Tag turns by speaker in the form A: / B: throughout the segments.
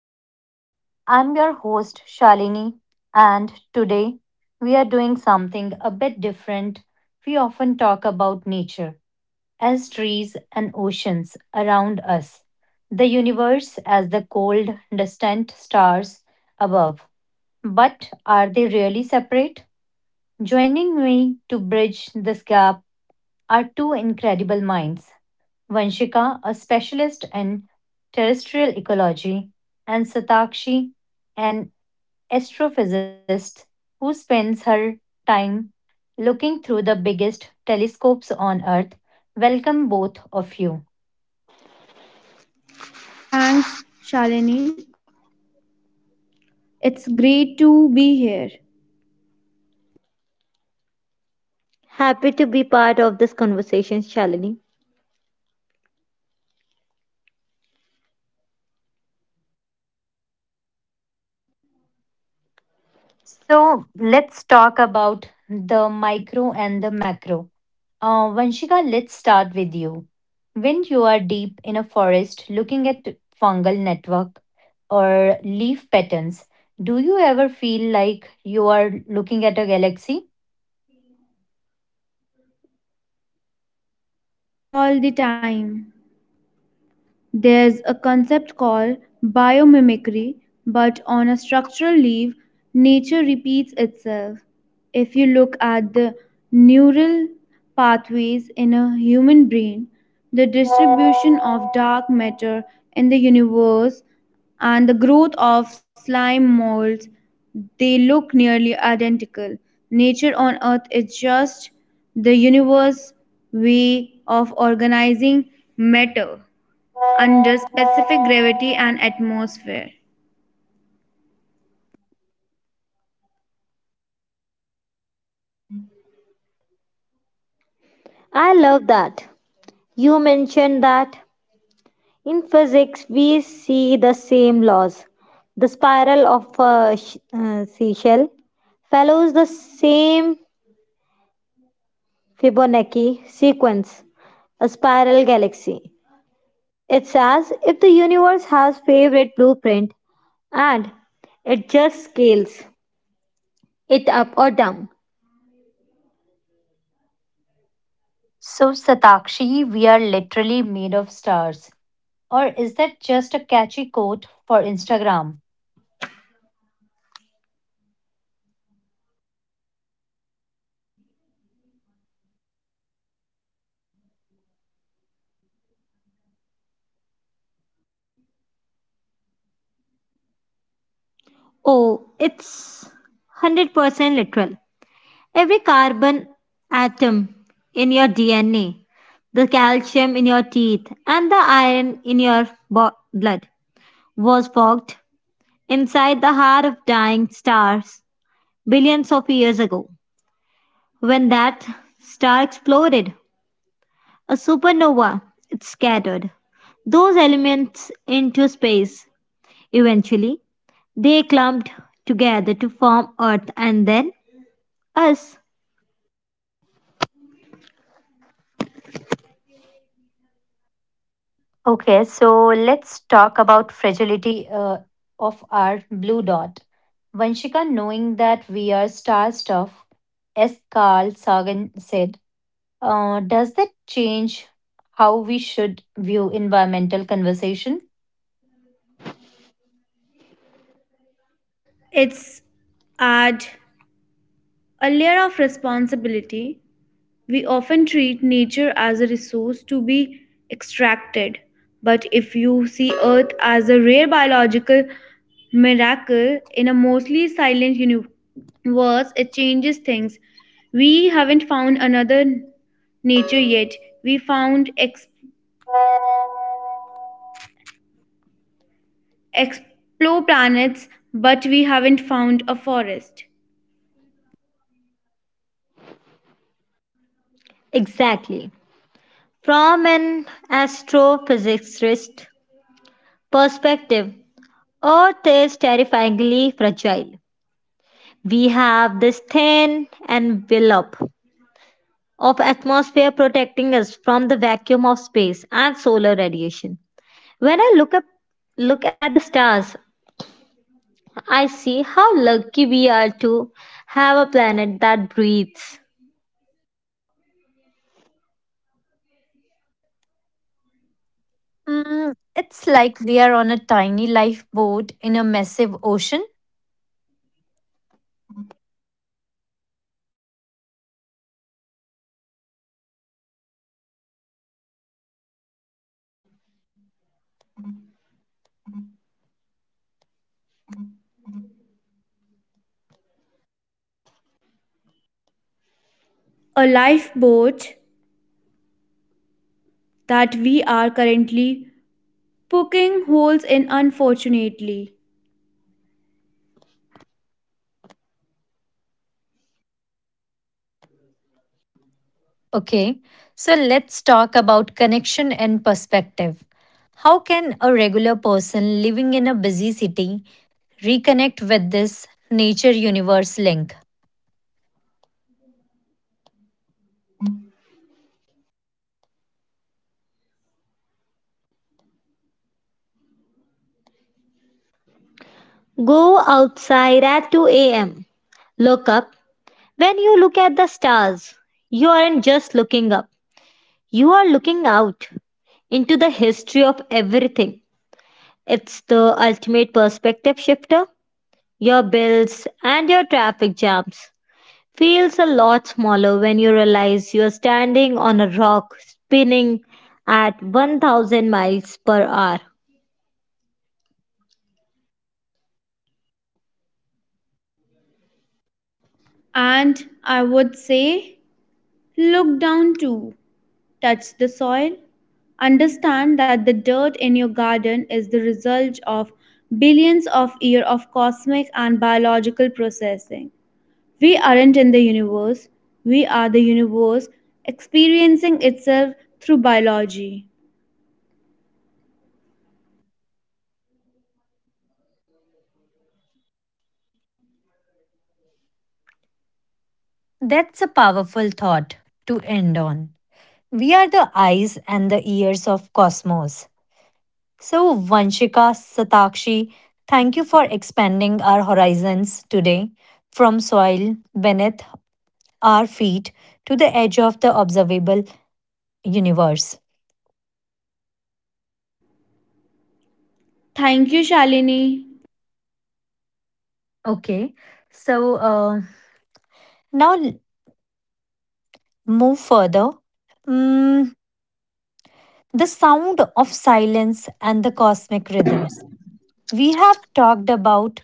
A: Canvas. I'm your host, Shalini, and today we are doing something a bit different. We often talk about nature as trees and oceans around us, the universe as the cold, distant stars above. But are they really separate? Joining me to bridge this gap are two incredible minds Vanshika, a specialist in terrestrial ecology, and Satakshi, an astrophysicist who spends her time looking through the biggest telescopes on Earth. Welcome, both of you.
B: Thanks, Shalini. It's great to be here.
A: So let's talk about the micro and the macro. Vanshika, let's start with you. When you are deep in a forest looking at fungal network or leaf patterns, do you ever feel like you are looking at a galaxy?
B: All the time. There's a concept called biomimicry, but on a structural level, nature repeats itself. If you look at the neural pathways in a human brain, the distribution of dark matter in the universe, and the growth of slime molds, they look nearly identical. Nature on Earth is just the universe's way of organizing matter under specific gravity and atmosphere.
A: So, Satakshi, we are literally made of stars. Or is that just a catchy quote for Instagram? Okay, so let's talk about fragility of our blue dot. Vanshika, knowing that we are star stuff, as Carl Sagan said, does that change how we should view environmental conversation?
B: It's add a layer of responsibility. We often treat nature as a resource to be extracted, but if you see Earth as a rare biological miracle in a mostly silent universe, it changes things. We haven't found another nature yet. We found explore planets, but we haven't found a forest.
A: Mm, it's like we are on a tiny lifeboat in a massive ocean.
B: A lifeboat that we are currently poking holes in, unfortunately.
A: Okay, so let's talk about connection and perspective. How can a regular person living in a busy city reconnect with this nature universe link.
B: And I would say, look down too. Touch the soil. Understand that the dirt in your garden is the result of billions of years of cosmic and biological processing. We aren't in the universe, we are the universe experiencing itself through biology.
A: That's a powerful thought to end on. We are the eyes and the ears of cosmos. So Vanshika Satakshi, thank you for expanding our horizons today from soil beneath our feet to the edge of the observable universe.
B: Thank you, Shalini.
A: Okay. So now move further. Mm, the sound of silence and the cosmic rhythms. We have talked about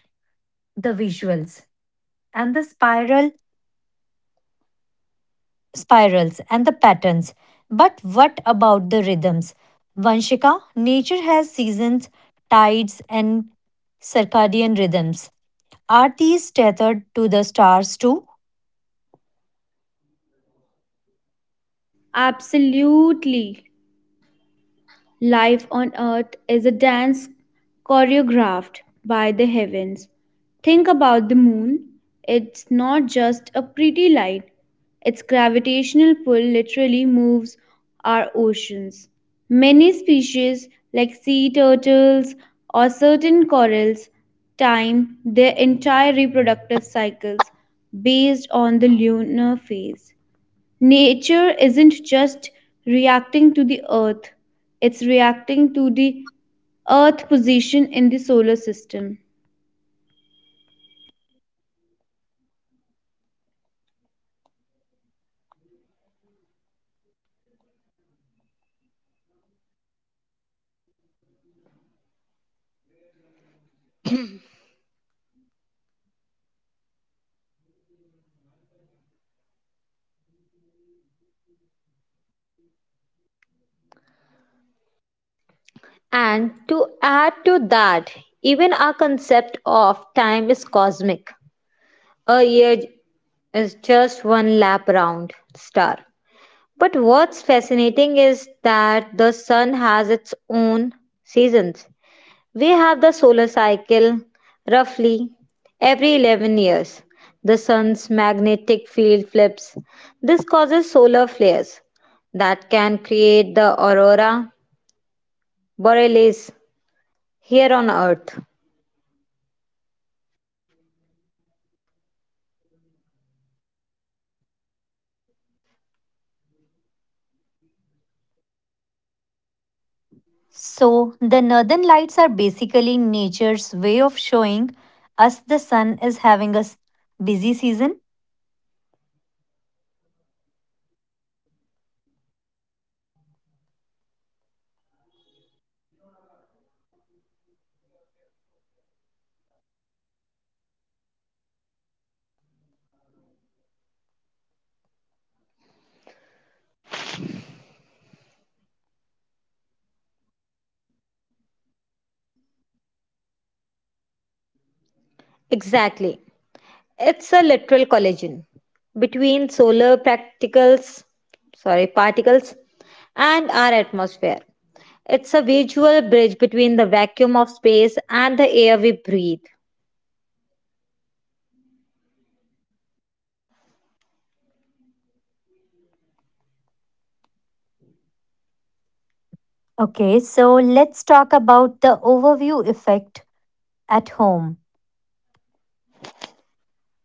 A: the visuals and the spirals and the patterns. But what about the rhythms? Vanshika, nature has seasons, tides and circadian rhythms. Are these tethered to the stars too?
B: Absolutely. Life on earth is a dance choreographed by the heavens. Think about the moon. It's not just a pretty light, its gravitational pull literally moves our oceans. Many species, like sea turtles or certain corals, time their entire reproductive cycles based on the lunar phase. Nature isn't just reacting to the earth, it's reacting to the earth position in the solar system.
A: So, the northern lights are basically nature's way of showing us the sun is having a busy season. Okay, so let's talk about the overview effect at home.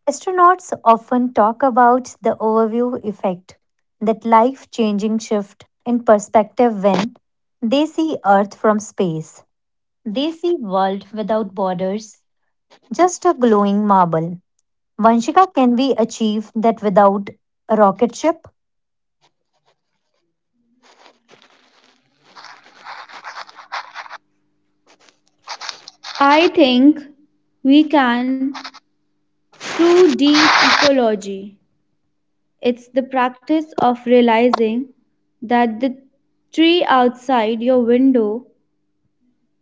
A: Astronauts often talk about the overview effect, that life changing shift in perspective when they see Earth from space. They see world without borders, just a glowing marble. Vanshika, can we achieve that without a rocket ship?
B: I think we can, through deep ecology. It's the practice of realizing that the tree outside your window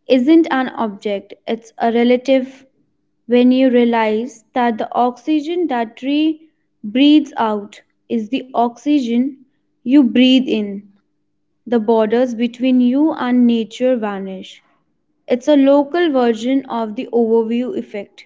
B: isn't an object, it's a relative. When you realize that the oxygen that tree breathes out is the oxygen you breathe in, the borders between you and nature vanish. It's a local version of the overview effect.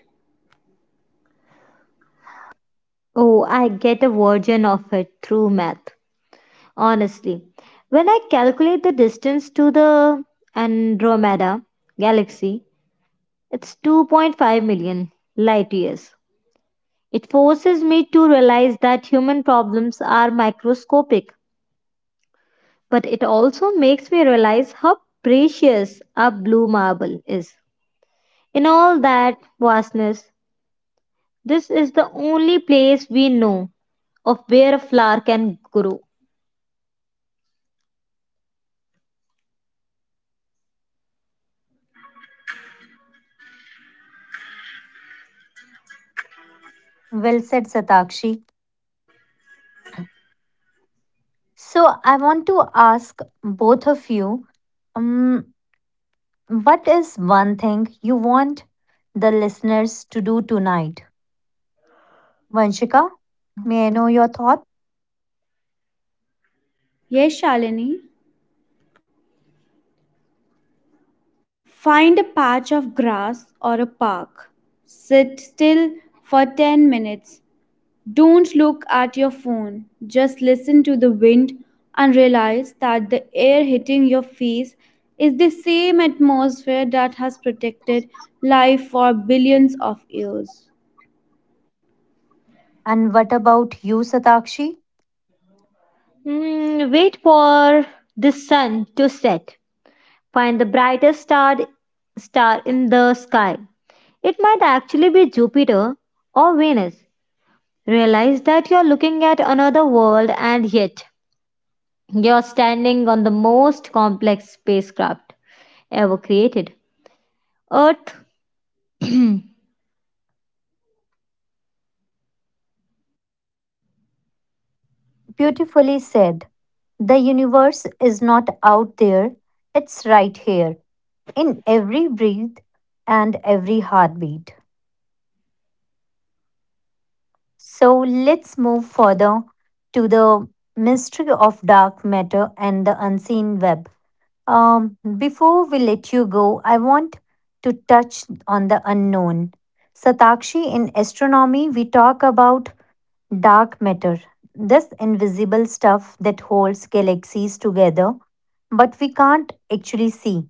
A: Well said, Satakshi. So I want to ask both of you, um, what is one thing you want the listeners to do tonight? Vanshika, may I know your thought?
B: Yes, Shalini, find a patch of grass or a park, sit still for 10 minutes. Don't look at your phone. Just listen to the wind and realize that the air hitting your face is the same atmosphere that has protected life for billions of years.
A: And what about you, Satakshi? Beautifully said. The universe is not out there, it's right here, in every breath and every heartbeat. So let's move further to the mystery of dark matter and the unseen web. Before we let you go, I want to touch on the unknown. Satakshi, in astronomy, we talk about Dark matter. This invisible stuff that holds galaxies together, but we can't actually see.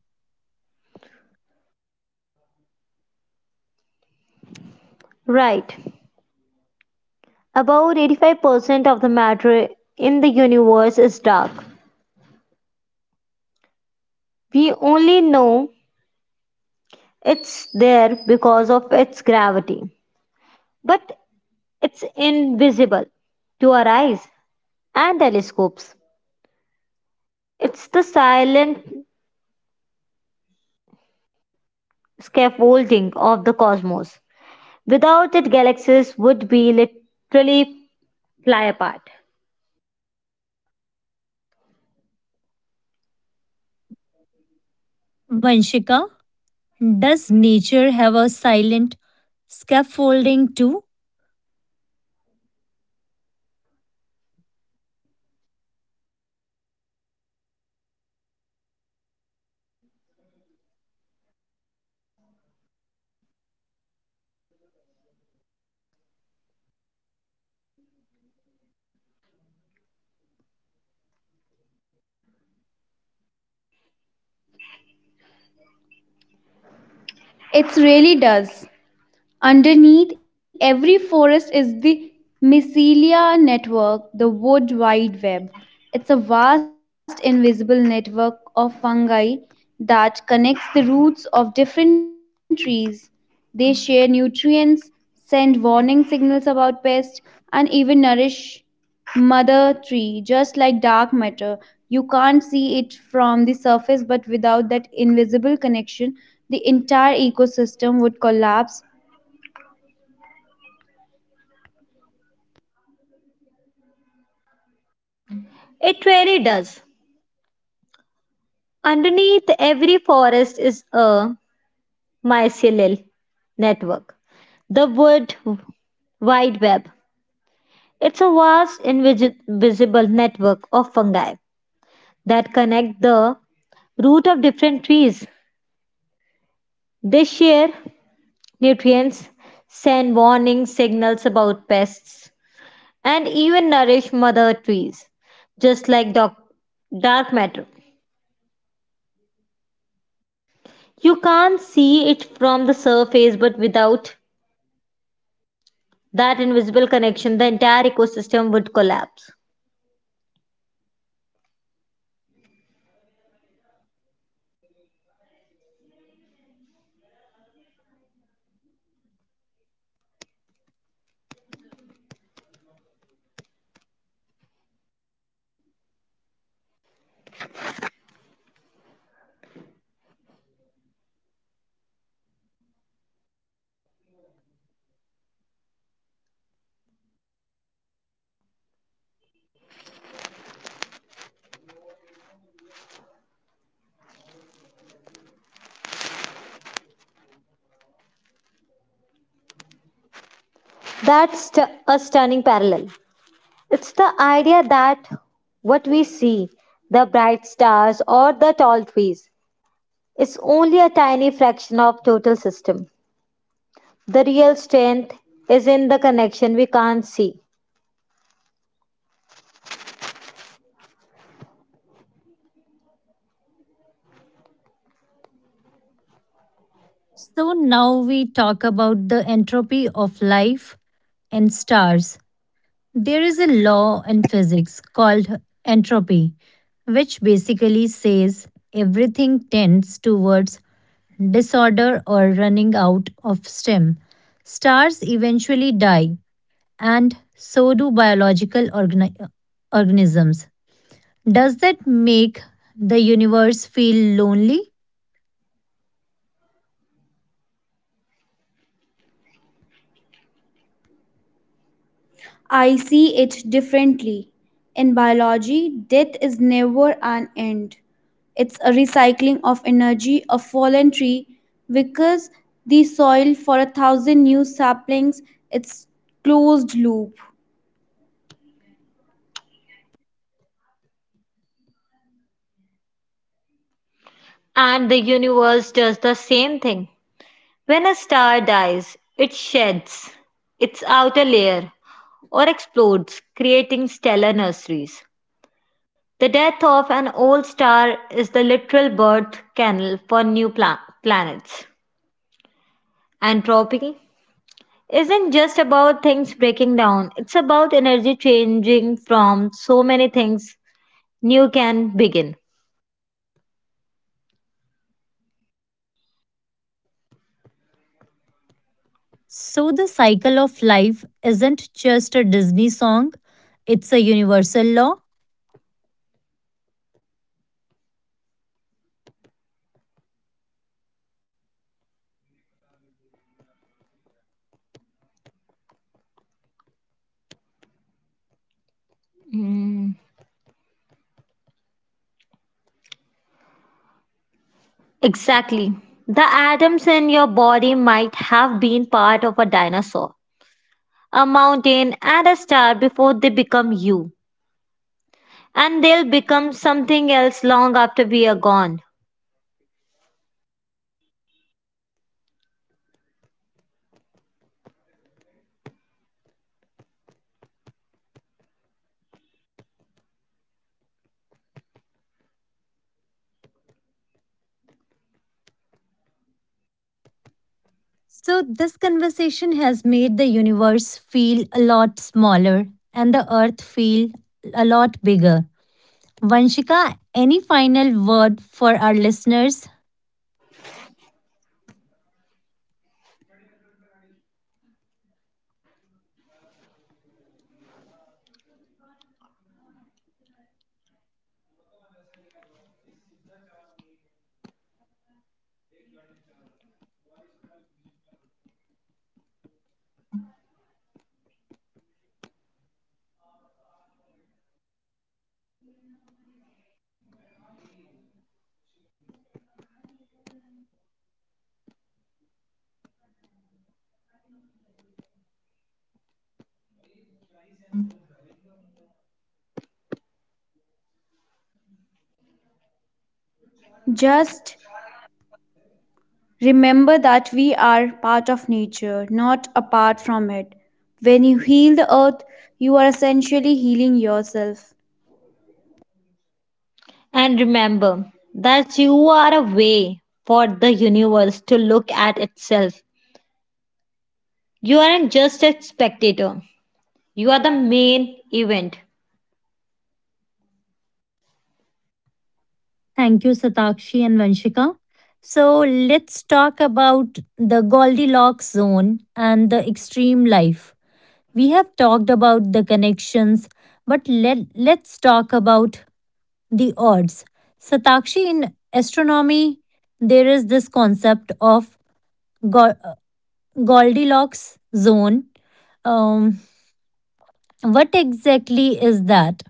A: Vanshika, does nature have a silent scaffolding too?
B: It it really does. Underneath every forest is the mycelia network, the wood wide web. It's a vast invisible network of fungi that connects the roots of different trees. They share nutrients, send warning signals about pests, and even nourish mother tree. Just like dark matter, you can't see it from the surface, but without that invisible connection the entire ecosystem would collapse.
A: So now we talk about the entropy of life and stars. There is a law in physics called entropy, which basically says everything tends towards disorder, or running out of stem. Stars eventually die, and so do biological organisms. Does that make the universe feel lonely?
B: I see it differently. In biology, death is never an end. It's a recycling of energy. A fallen tree because the soil for a thousand new saplings, it's closed loop.
A: So, the cycle of life isn't just a Disney song, it's a universal law. So, this conversation has made the universe feel a lot smaller and the earth feel a lot bigger. Vanshika, any final word for our listeners?
B: Just remember that we are part of nature, not apart from it. When you heal the earth, you are essentially healing yourself.
A: Thank you, Satakshi and Vanshika. So let's talk about the Goldilocks zone and the extreme life. We have talked about the connections, but let's talk about the odds. Satakshi, in astronomy, there is this concept of Go- Goldilocks zone. Um, what exactly is that?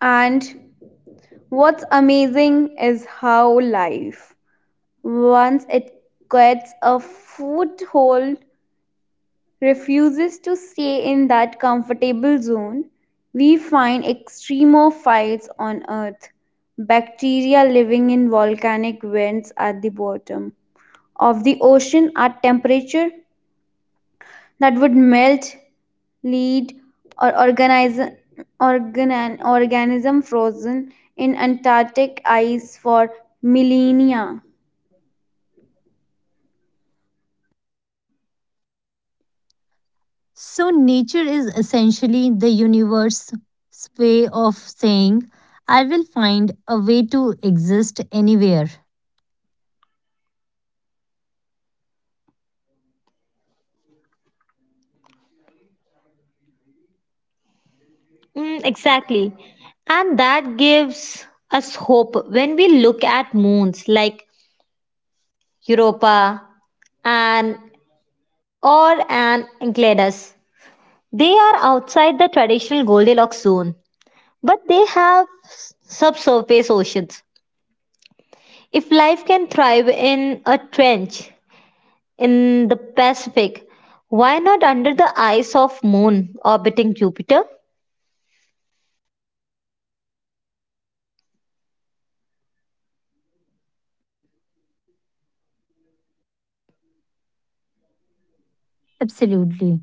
B: And what's amazing is how life, once it gets a foothold, refuses to stay in that comfortable zone. We find extremophiles on Earth, bacteria living in volcanic vents at the bottom of the ocean at temperature that would melt lead, or organism frozen in Antarctic ice for millennia.
A: So, nature is essentially the universe's way of saying, I will find a way to exist anywhere. Absolutely.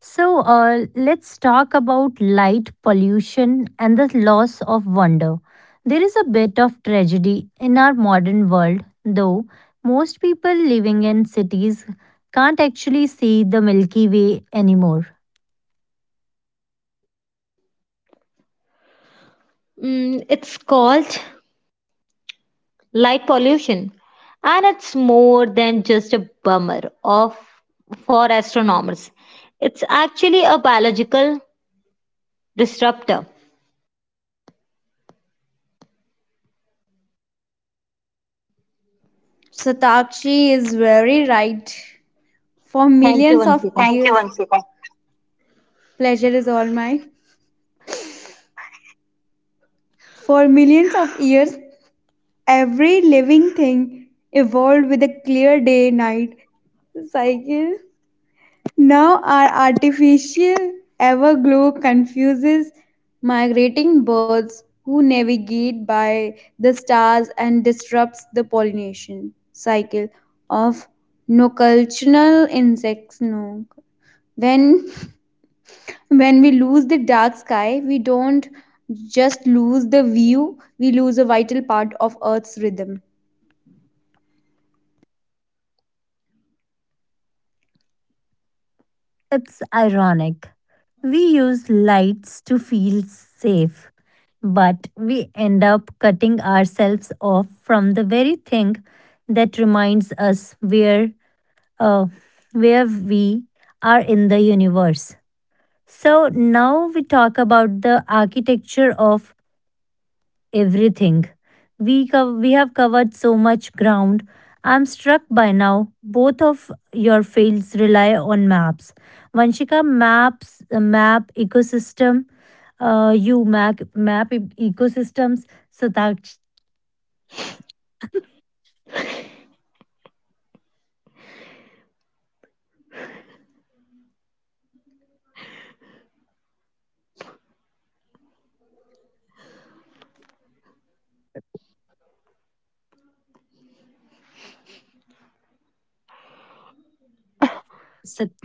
A: So, let's talk about light pollution and the loss of wonder. There is a bit of tragedy in our modern world, though most people living in cities can't actually see the Milky Way anymore.
B: Satakshi is very right. For millions of thank you, years, Anshita, pleasure is all mine. For millions of years, every living thing evolved with a clear day night cycle. Now, our artificial everglow confuses migrating birds who navigate by the stars and disrupts the pollination cycle of nocultural insects. No, when when we lose the dark sky, we don't just lose the view, we lose a vital part of earth's rhythm.
A: It's ironic. We use lights to feel safe, but we end up cutting ourselves off from the very thing that reminds us uh, where we are in the universe. So now we talk about the architecture of everything. We have covered so much ground. I'm struck by now. Both of your fields rely on maps. Vanshika Uh, you map, map e- ecosystems. Sataksh, Sat-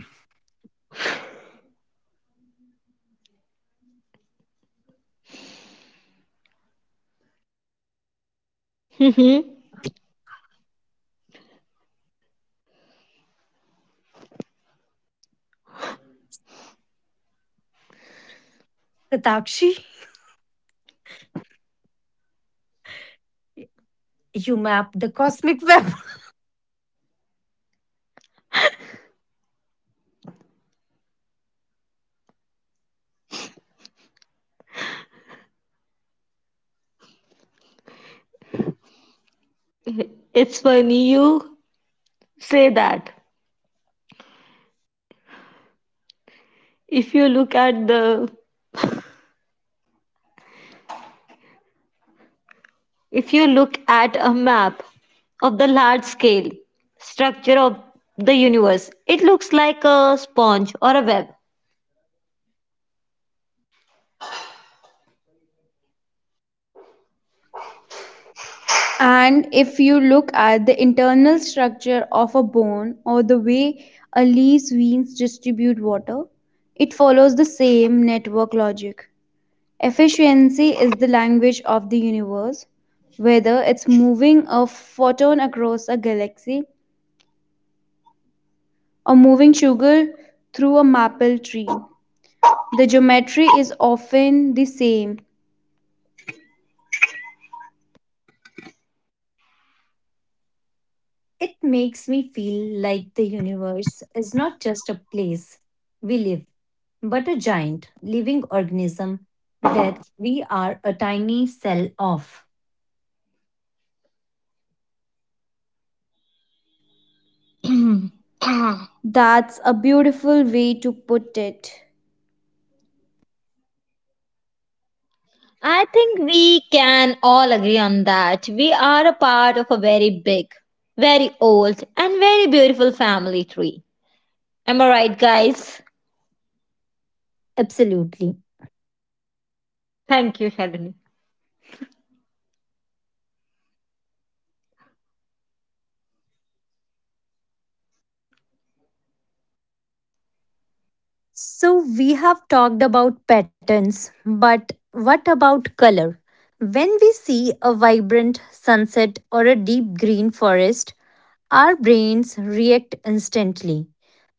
A: Satakshi, you map the cosmic web.
B: And if you look at the internal structure of a bone or the way a leaf's veins distribute water, it follows the same network logic. Efficiency is the language of the universe, whether it's moving a photon across a galaxy or moving sugar through a maple tree. The geometry is often the same.
A: It makes me feel like the universe is not just a place we live, but a giant living organism that we are a tiny cell of.
B: That's a beautiful way to put it.
A: Absolutely. So, we have talked about patterns, but what about color? When we see a vibrant sunset or a deep green forest, our brains react instantly.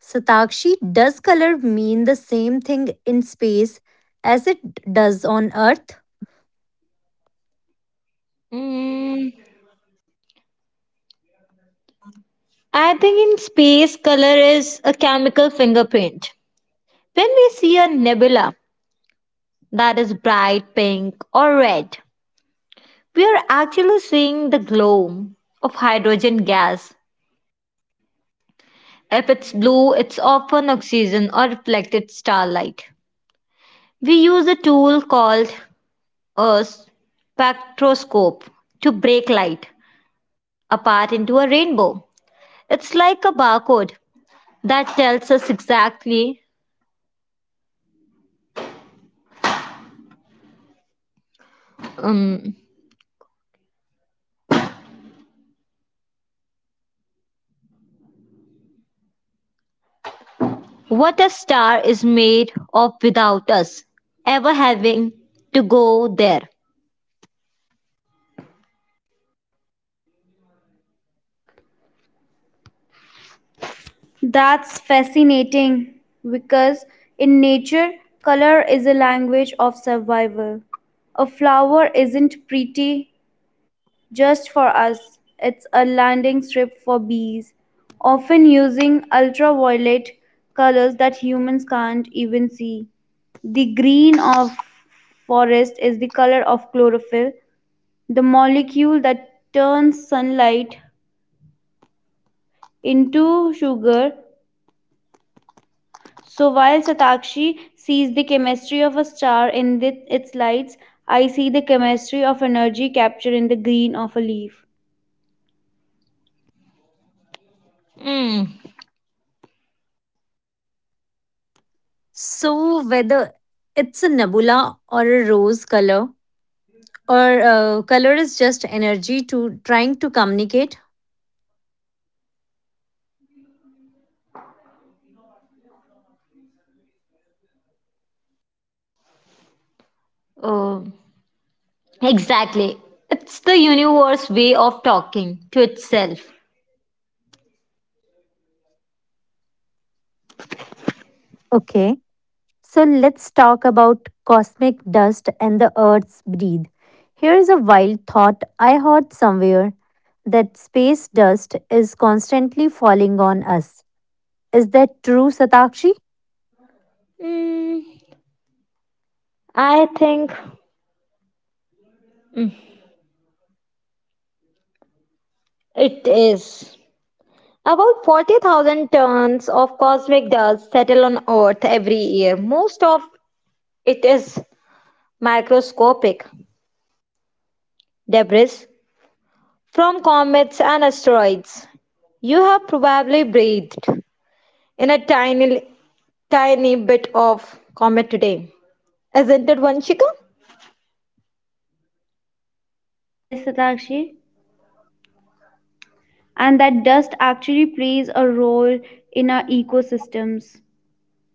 A: Satakshi, does color mean the same thing in space as it does on Earth?
B: That's fascinating, because in nature, color is a language of survival. A flower isn't pretty just for us, it's a landing strip for bees, often using ultraviolet colors that humans can't even see. The green of forest is the color of chlorophyll, the molecule that turns sunlight into sugar. So while Satakshi sees the chemistry of a star in its lights, I see the chemistry of energy captured in the green of a leaf.
A: So, whether it's a nebula or a rose color, or color is just energy to trying to communicate. Okay, so let's talk about cosmic dust and the Earth's breathe. Here is a wild thought I heard somewhere that space dust is constantly falling on us. Is that true, Satakshi?
B: Yes, Satakshi. And that dust actually plays a role in our ecosystems.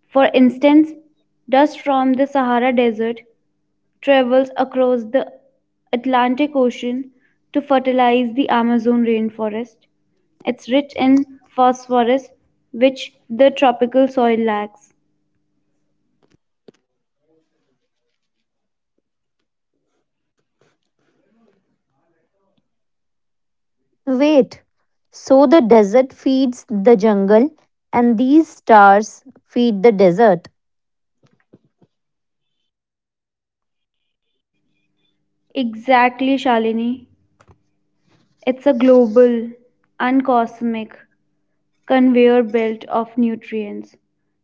B: For instance, dust from the Sahara Desert travels across the Atlantic Ocean to fertilize the Amazon rainforest. It's rich in phosphorus, which the tropical soil lacks.
A: Wait. So the desert feeds the jungle, and these stars feed the desert.
B: Exactly, Shalini. It's a global and cosmic conveyor belt of nutrients.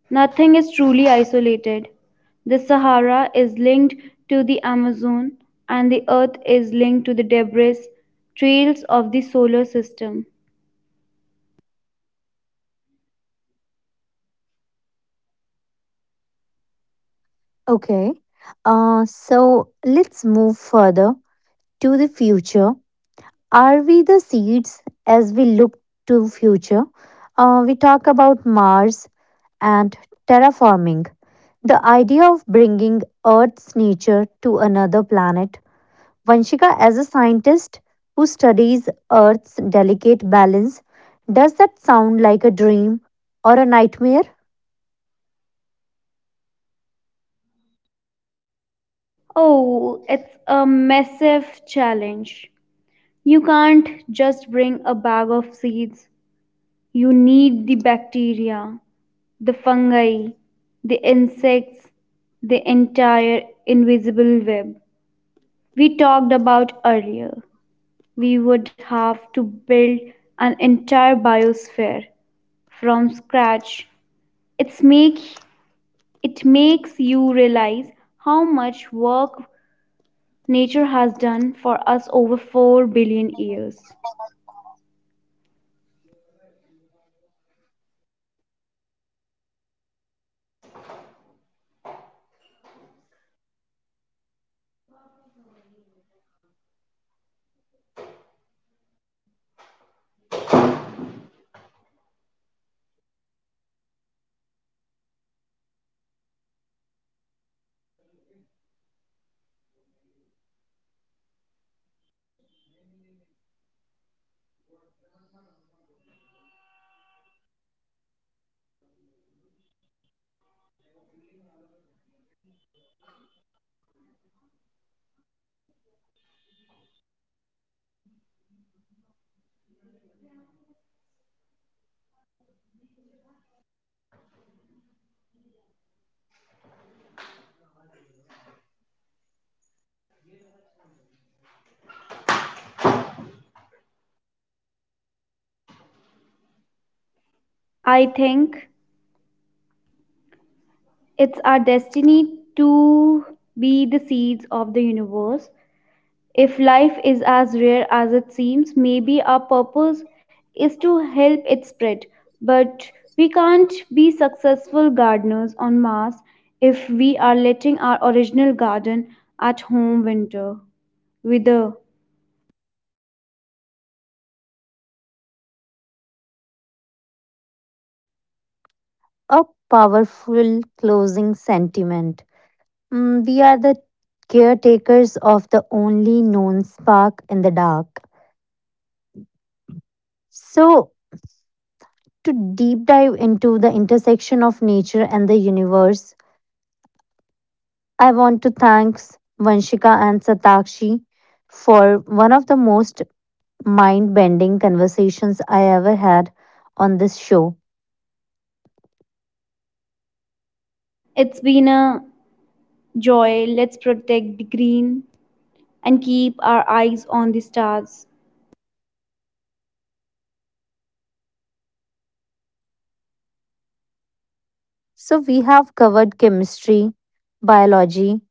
B: Nothing is truly isolated. The Sahara is linked to the Amazon, and the Earth is linked to the debris trails of the solar system.
A: Okay. So let's move further to the future. Are we the seeds as we look to future? We talk about Mars and terraforming. The idea of bringing Earth's nature to another planet Vanshika, as a scientist who studies Earth's delicate balance, does that sound like a dream or a nightmare?
B: Oh, it's a massive challenge. You can't just bring a bag of seeds. You need the bacteria, the fungi, the insects, the entire invisible web we talked about earlier. We would have to build an entire biosphere from scratch. It's make it makes you realize how much work nature has done for us over 4 billion years. I think it's our destiny to be the seeds of the universe. If life is as rare as it seems, maybe our purpose is to help it spread. But we can't be successful gardeners on Mars if we are letting our original garden at home winter wither.
A: A powerful closing sentiment. Mm, we are the caretakers of the only known spark in the dark. So, to deep dive into the intersection of nature and the universe, I want to thank Vanshika and Satakshi for one of the most mind bending conversations I ever had on this show.
B: It's been a joy. Let's protect the green and keep our eyes on the stars?
A: So, we have covered chemistry, biology,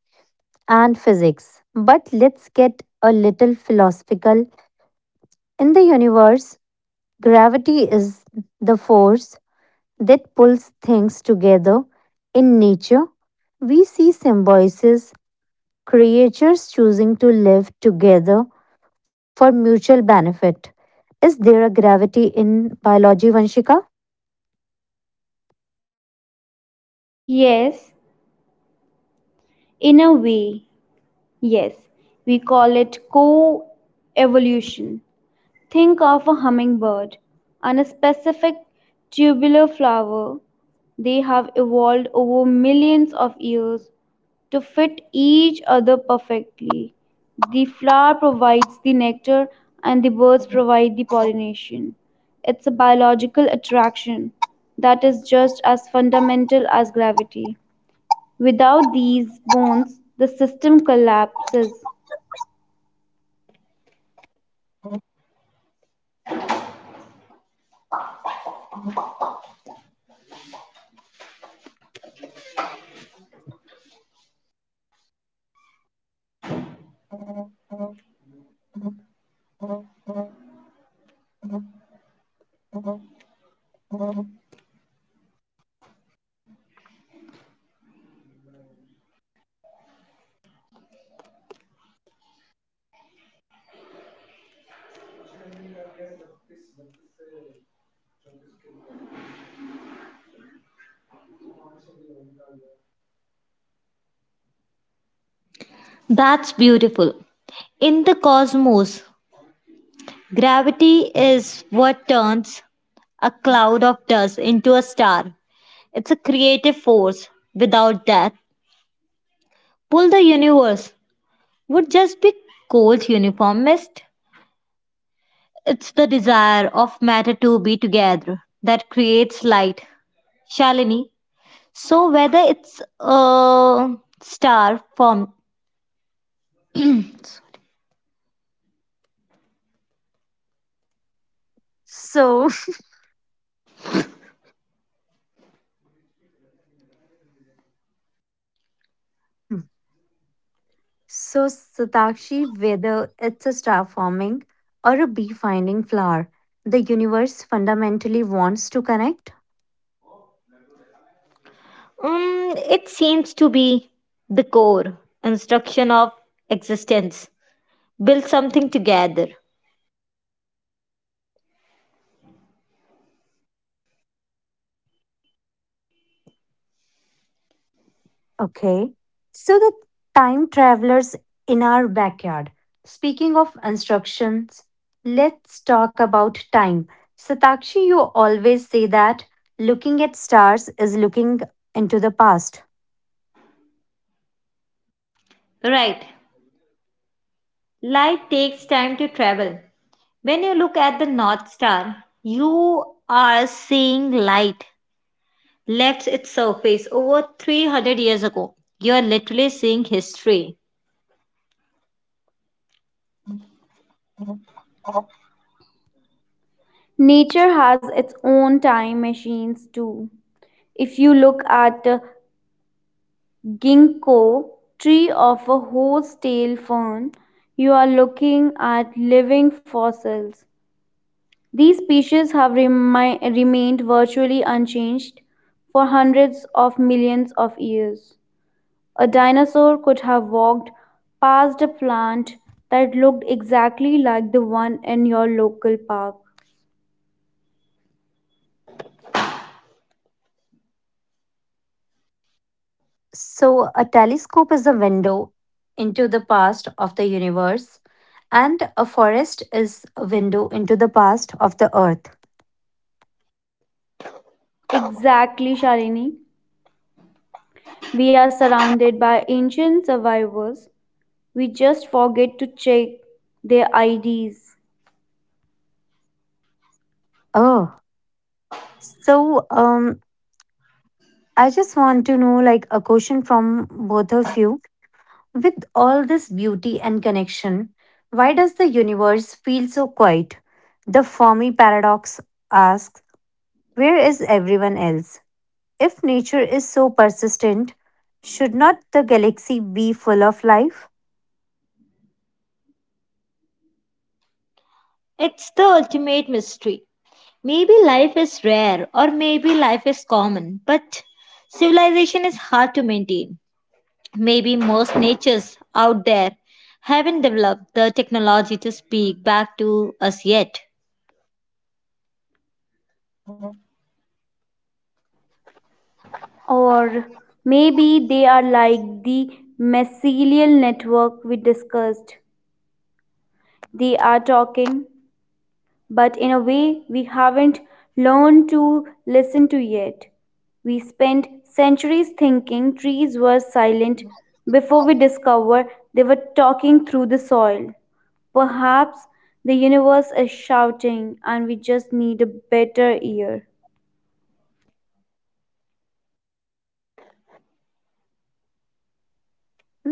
A: and physics. But let's get a little philosophical. In the universe, gravity is the force that pulls things together. In nature, we see symbiosis, creatures choosing to live together for mutual benefit. Is there a gravity in biology, Vanshika?
B: Yes, in a way, yes. We call it co evolution. Think of a hummingbird and a specific tubular flower. They have evolved over millions of years to fit each other perfectly. The flower provides the nectar and the birds provide the pollination. It's a biological attraction that is just as fundamental as gravity. Without these bonds, the system collapses.
A: So, hmm. So, Satakshi, whether it's a star forming or a bee finding flower, the universe fundamentally wants to connect. Okay. So, the time travelers in our backyard. Speaking of instructions, let's talk about time. Satakshi, you always say that looking at stars is looking into the past.
B: Nature has its own time machines too. If you look at a ginkgo tree of a horsetail fern, you are looking at living fossils. These species have remained virtually unchanged for hundreds of millions of years. A dinosaur could have walked past a plant that looked exactly like the one in your local park.
A: So, a telescope is a window into the past of the universe, and a forest is a window into the past of the earth.
B: Exactly, Shalini. We are surrounded by ancient survivors. We just forget to check their IDs.
A: Oh, so um, I just want to know like a question from both of you. With all this beauty and connection, why does the universe feel so quiet? The Fermi paradox asks, where is everyone else? If nature is so persistent, should not the galaxy be full of life?
B: Or maybe they are like the mycelial network we discussed. They are talking, but in a way we haven't learned to listen to yet. We spent centuries thinking trees were silent before we discovered they were talking through the soil. Perhaps the universe is shouting and we just need a better ear.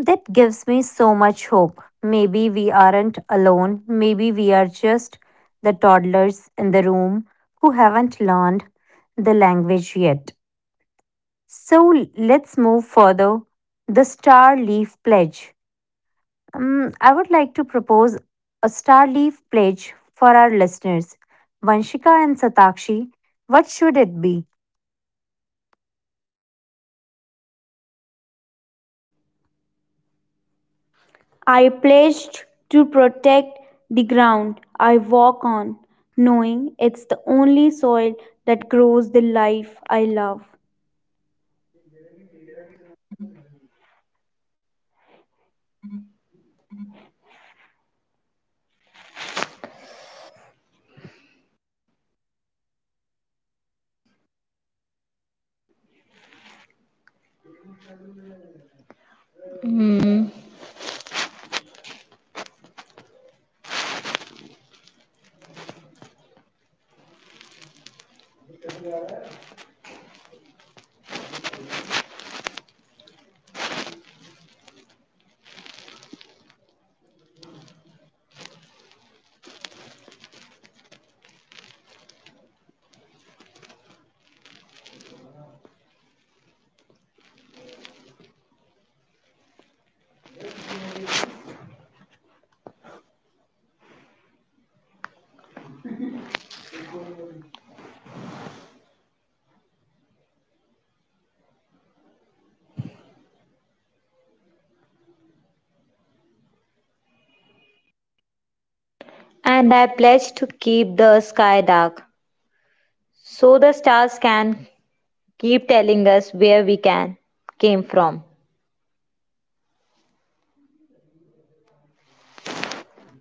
A: That gives me so much hope. Maybe we aren't alone. Maybe we are just the toddlers in the room who haven't learned the language yet. So let's move further. The Star Leaf Pledge. I would like to propose a Star Leaf Pledge for our listeners. Vanshika and Satakshi, what should it be?
B: I pledged to protect the ground I walk on, knowing it's the only soil that grows the life I love.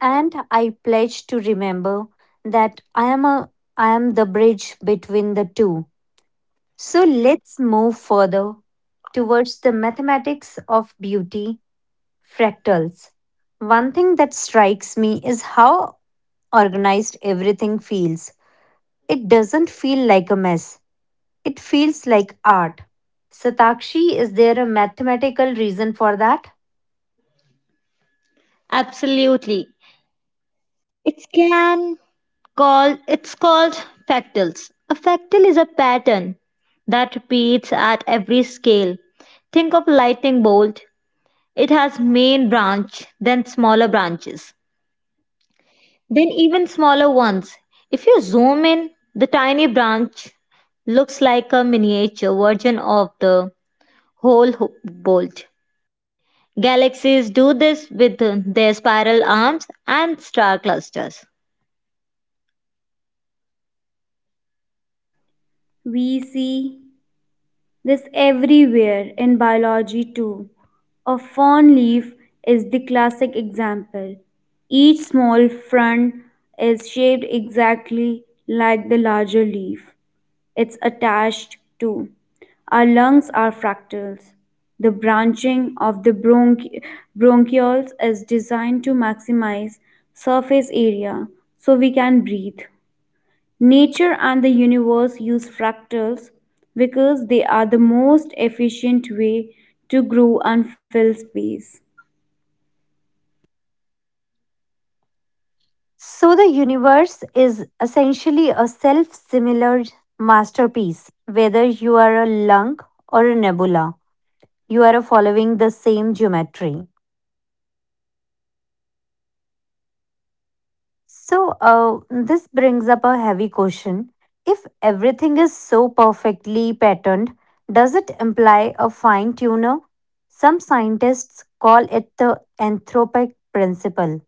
A: And I pledge to remember that I am the bridge between the two. So let's move further towards the mathematics of beauty fractals. One thing that strikes me is how organized everything feels. It doesn't feel like a mess, it feels like art. Satakshi, is there a mathematical reason for that?
B: We see this everywhere in biology too. A fern leaf is the classic example. Each small frond is shaped exactly like the larger leaf it's attached to. Our lungs are fractals. The branching of the bronchioles is designed to maximize surface area so we can breathe. Nature and the universe use fractals because they are the most efficient way to grow and fill space.
A: So, the universe is essentially a self similar masterpiece. Whether you are a lung or a nebula, you are following the same geometry. So, this brings up a heavy question. If everything is so perfectly patterned, does it imply a fine tuner? Some scientists call it the anthropic principle.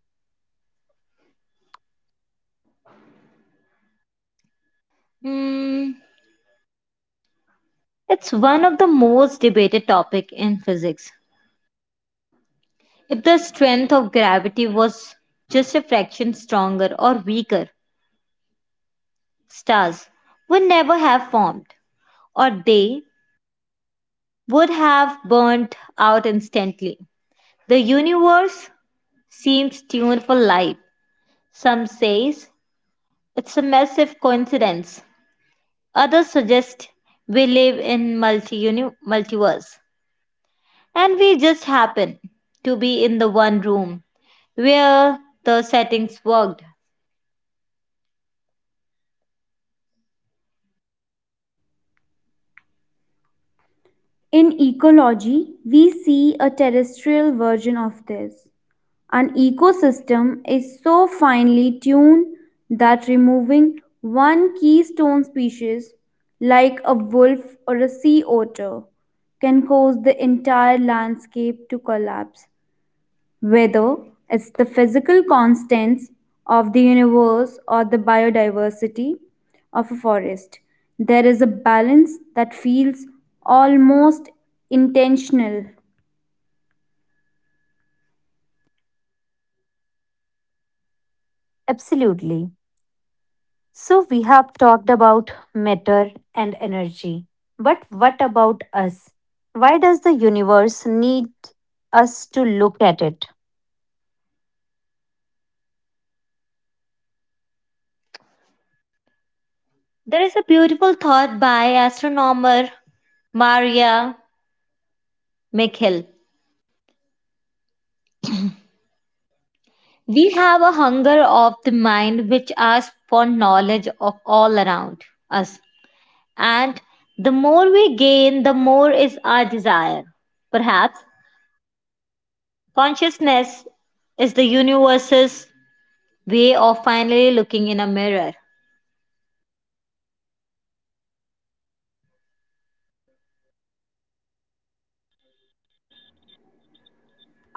B: In ecology, we see a terrestrial version of this. An ecosystem is so finely tuned that removing one keystone species, like a wolf or a sea otter, can cause the entire landscape to collapse. Whether it's the physical constants of the universe or the biodiversity of a forest, there is a balance that feels almost intentional.
A: Absolutely. So, we have talked about matter and energy. But what about us? Why does the universe need us to look at it?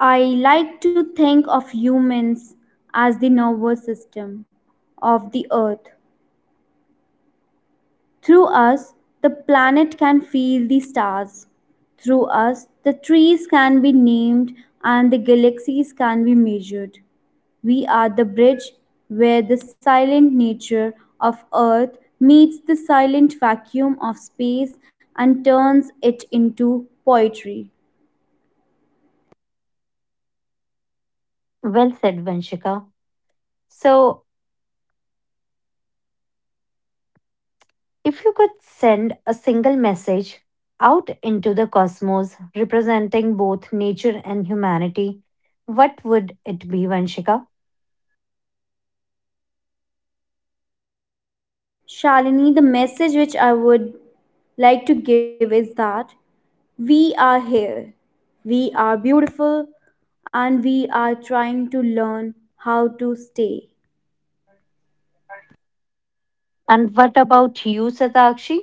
B: I like to think of humans as the nervous system of the earth. Through us, the planet can feel the stars. Through us, the trees can be named and the galaxies can be measured. We are the bridge where the silent nature of Earth meets the silent vacuum of space and turns it into poetry.
A: Well said, Vanshika. So, if you could send a single message out into the cosmos representing both nature and humanity, what would it be, Vanshika?
B: Shalini, the message which I would like to give is that we are here. We are beautiful and we are trying to learn how to stay.
A: And what about you, Satakshi?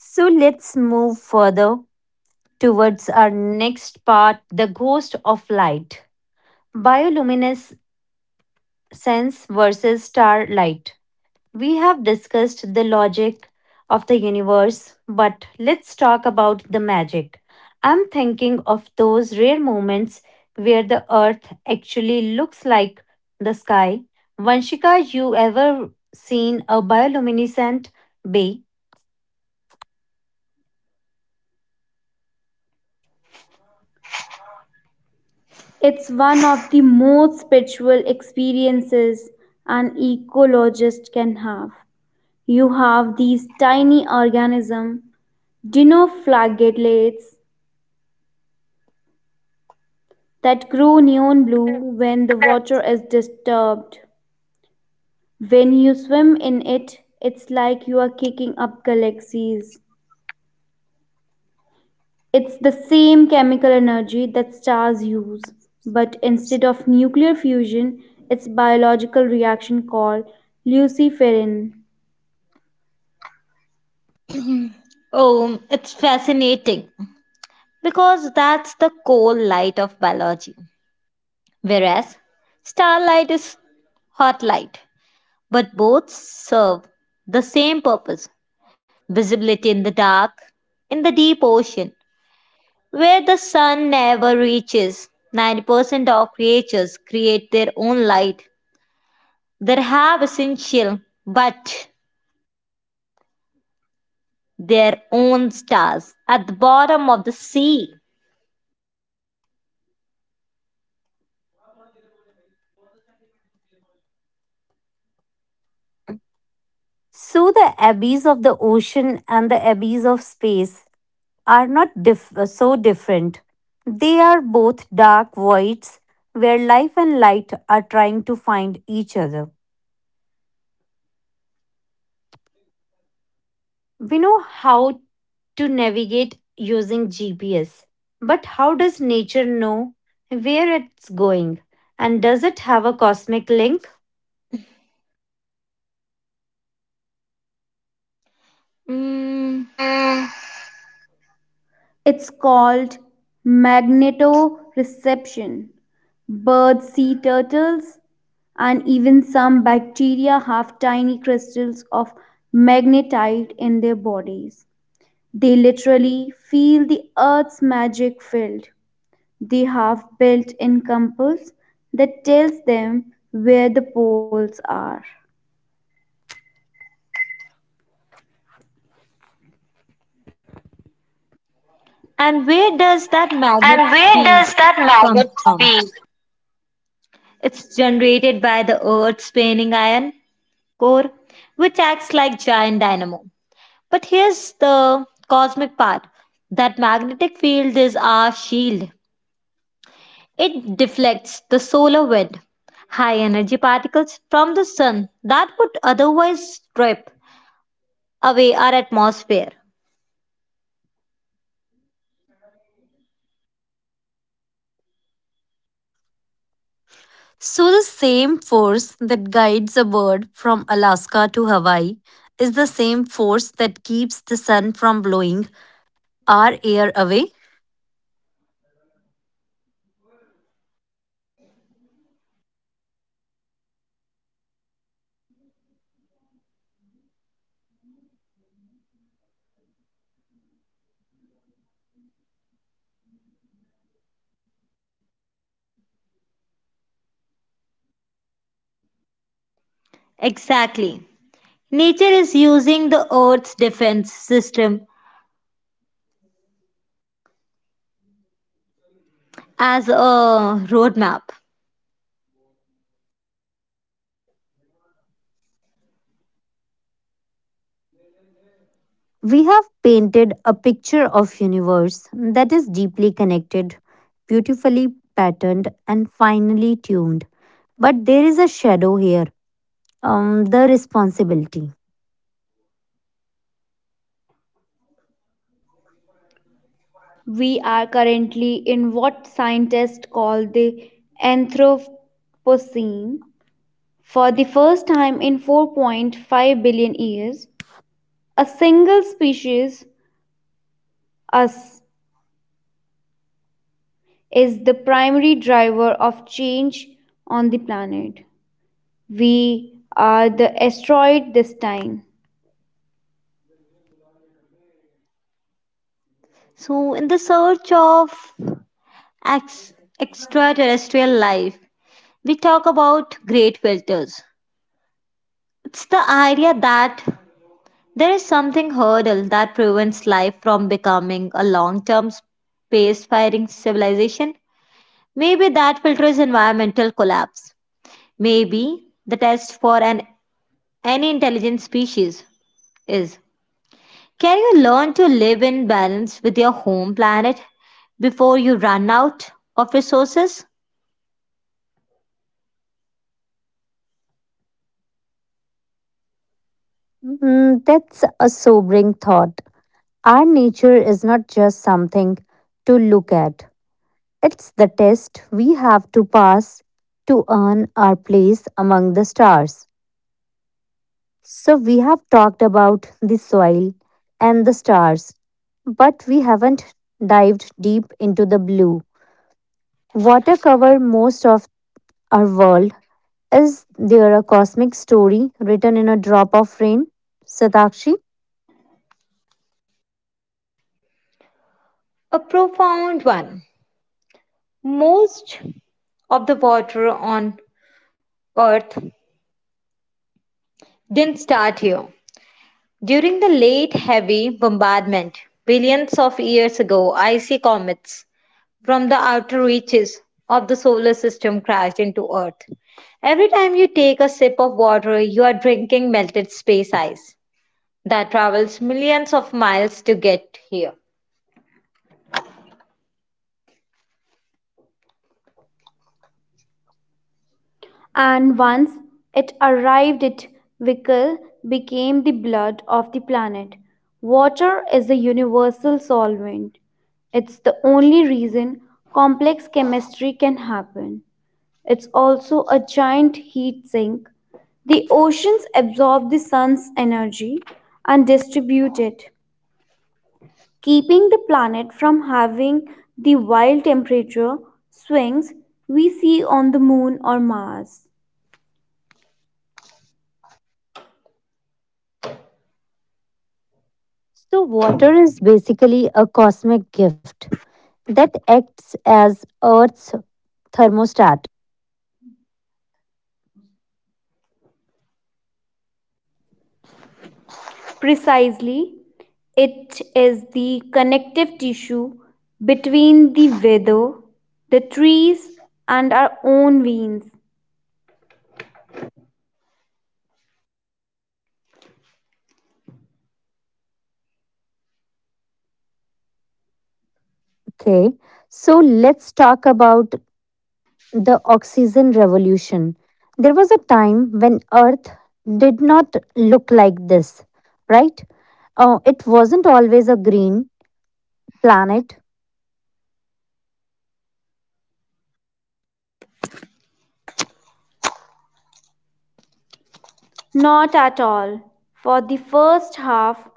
A: So let's move further towards our next part the ghost of light, bioluminescence versus starlight. We have discussed the logic of the universe, but let's talk about the magic. I'm thinking of those rare moments where the earth actually looks like the sky. Vanshika, you ever seen a bioluminescent bay?
B: It's one of the most spiritual experiences an ecologist can have. You have these tiny organisms, dinoflagellates, that grow neon blue when the water is disturbed. When you swim in it, it's like you are kicking up galaxies. It's the same chemical energy that stars use, but instead of nuclear fusion, it's biological reaction called luciferin.
A: So the abbeys of the ocean and the abbeys of space are not so different. They are both dark voids where life and light are trying to find each other. We know how to navigate using GPS, but how does nature know where it's going? And does it have a cosmic link?
B: It's called magnetoreception. Birds, sea turtles, and even some bacteria have tiny crystals of magnetite in their bodies. They literally feel the earth's magic field. They have built in compass that tells them where the poles are.
A: So, the same force that guides a bird from Alaska to Hawaii is the same force that keeps the sun from blowing our air away. We have painted a picture of universe that is deeply connected, beautifully patterned and finely tuned. But there is a shadow here, the responsibility.
B: We are currently in what scientists call the Anthropocene. For the first time in 4.5 billion years, a single species, us, is the primary driver of change on the planet. We are the asteroid this time.
A: Mm, that's a sobering thought. Our nature is not just something to look at. It's the test we have to pass to earn our place among the stars. So, we have talked about the soil and the stars, but we haven't dived deep into the blue. Water cover most of our world. Is there a cosmic story written in a drop of rain? Satakshi?
B: And once it arrived, it Vikal became the blood of the planet. Water is the universal solvent. It's the only reason complex chemistry can happen. It's also a giant heat sink. The oceans absorb the sun's energy and distribute it, keeping the planet from having the wild temperature swings we see on the moon or Mars.
A: So, water is basically a cosmic gift that acts as Earth's thermostat.
B: Precisely, it is the connective tissue between the weather, the trees, and our own veins.
A: Okay, so let's talk about the oxygen revolution. There was a time when Earth did not look like this, right? Oh, it wasn't always a green planet.
B: Not at all. For the first half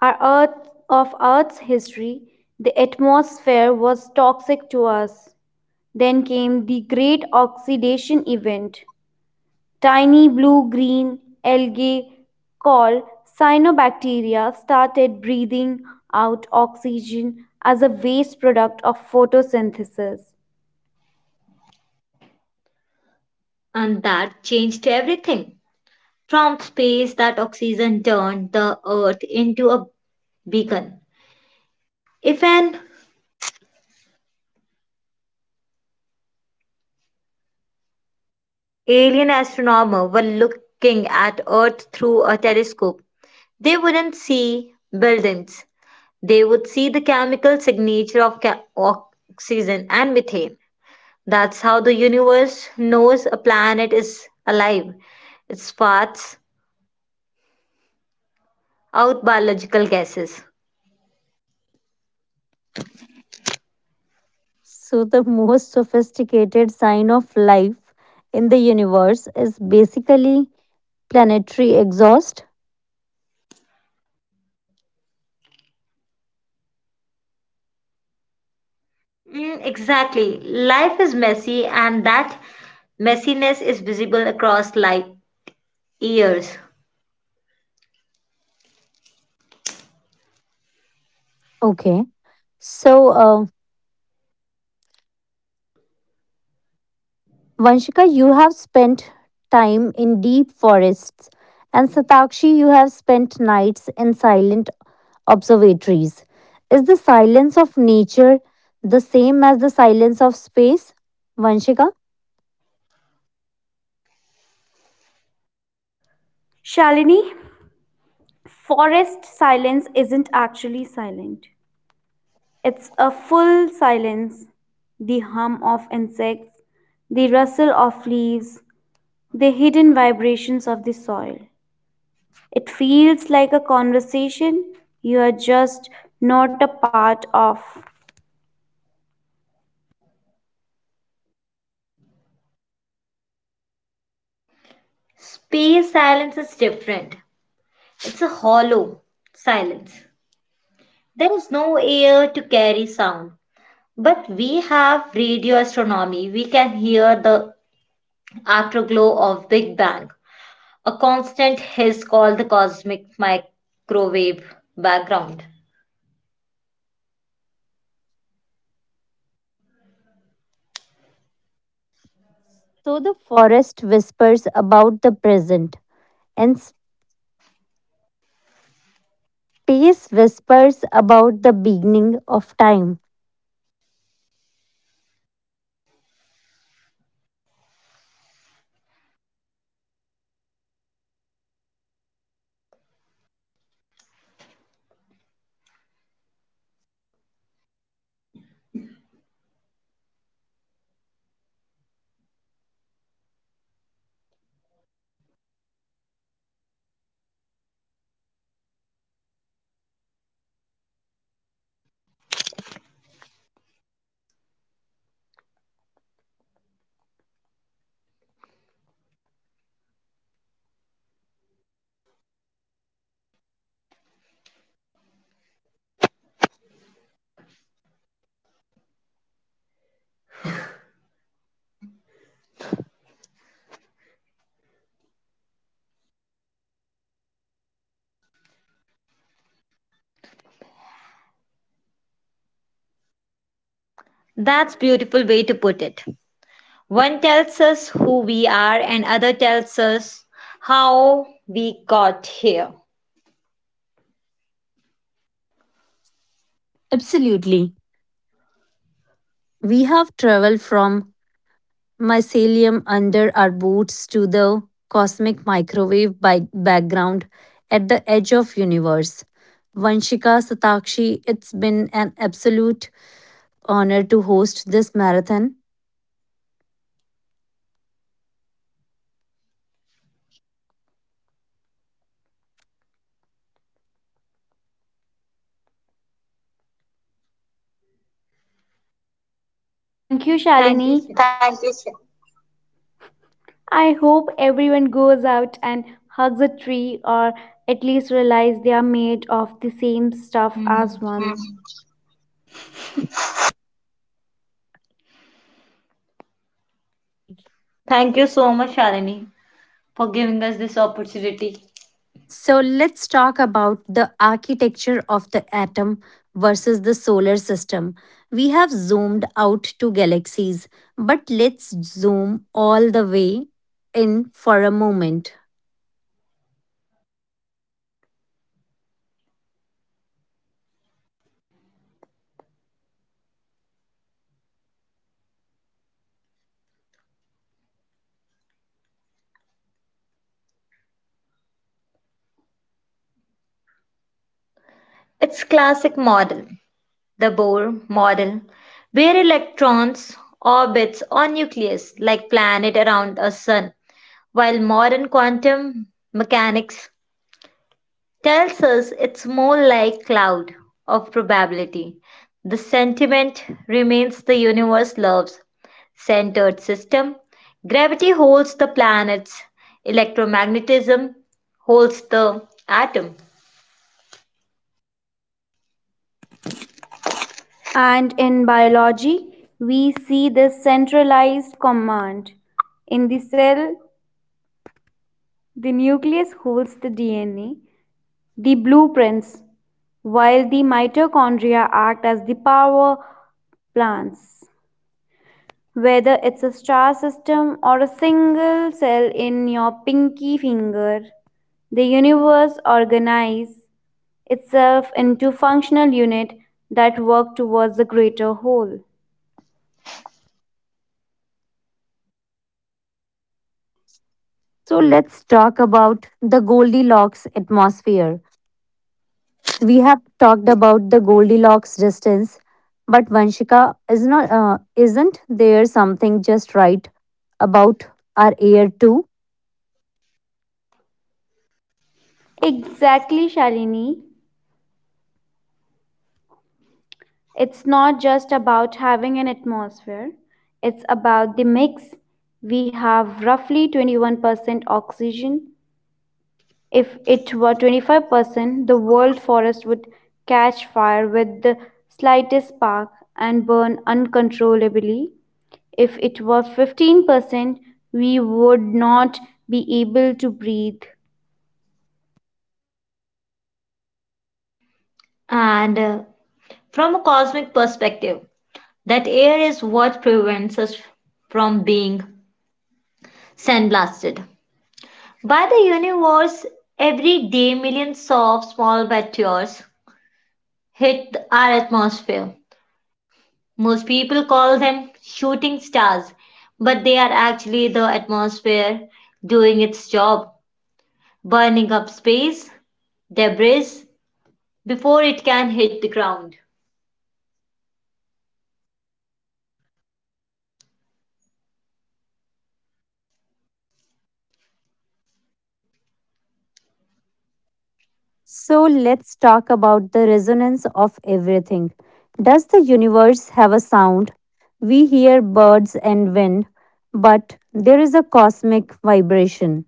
B: of Earth's history, the atmosphere was toxic to us. Then came the Great Oxidation Event. Tiny blue green algae called cyanobacteria started breathing out oxygen as a waste product of photosynthesis.
A: So, the most sophisticated sign of life in the universe is basically planetary exhaust. Okay. So, Vanshika, you have spent time in deep forests, and Satakshi, you have spent nights in silent observatories. Is the silence of nature the same as the silence of space? Vanshika?
B: Shalini, forest silence isn't actually silent, it's a full silence. The hum of insects, the rustle of leaves, the hidden vibrations of the soil. It feels like a conversation you are just not a part of.
A: So the forest whispers about the present, and space whispers about the beginning of time. Absolutely. We have traveled from mycelium under our boots to the cosmic microwave by background at the edge of universe. Vanshika Satakshi, it's been an absolute honor to host this marathon.
B: Thank you, Shalini. Thank you. Sri. I hope everyone goes out and hugs a tree, or at least realize they are made of the same stuff as one.
A: Gee. So, let's talk about the architecture of the atom versus the solar system. We have zoomed out to galaxies, but let's zoom all the way in for a moment.
B: And in biology, we see this centralized command. In the cell, the nucleus holds the DNA, the blueprints, while the mitochondria act as the power plants. Whether it's a star system or a single cell in your pinky finger, the universe organizes itself into functional units that work towards the greater whole.
A: So, let's talk about the Goldilocks atmosphere. We have talked about the Goldilocks distance, but Vanshika is not isn't there something just right about our air too?
B: Exactly, Shalini. It's not just about having an atmosphere, it's about the mix. We have roughly 21% oxygen. If it were 25%, the world forest would catch fire with the slightest spark and burn uncontrollably. If it were 15%, we would not be able to breathe.
A: So let's talk about the resonance of everything. Does the universe have a sound? We hear birds and wind, but there is a cosmic vibration.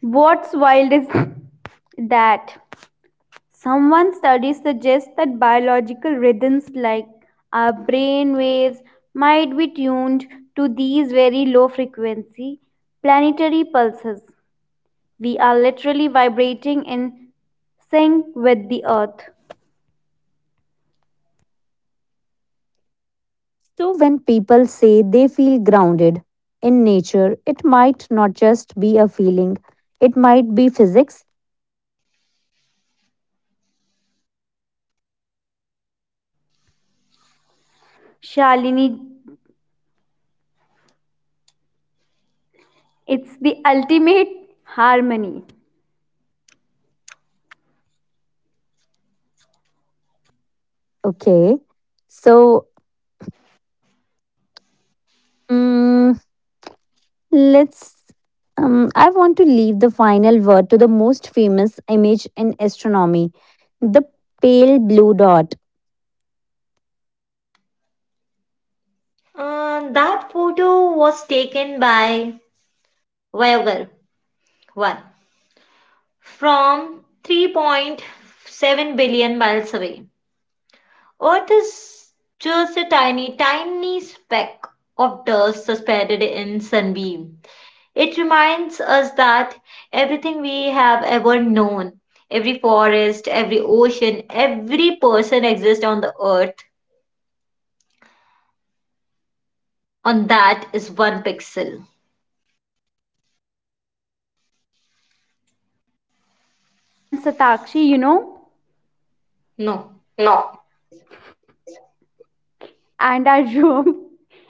B: What's wild is that someone study suggests that biological rhythms like our brain waves might be tuned to these very low frequency planetary pulses. We are literally vibrating in sync with the earth.
A: So when people say they feel grounded in nature, it might not just be a feeling, it might be physics.
B: Shalini, it's the ultimate harmony.
A: Okay. So, mm, Let's. I want to leave the final word to the most famous image in astronomy, the pale blue dot.
B: And Satakshi, no. And our room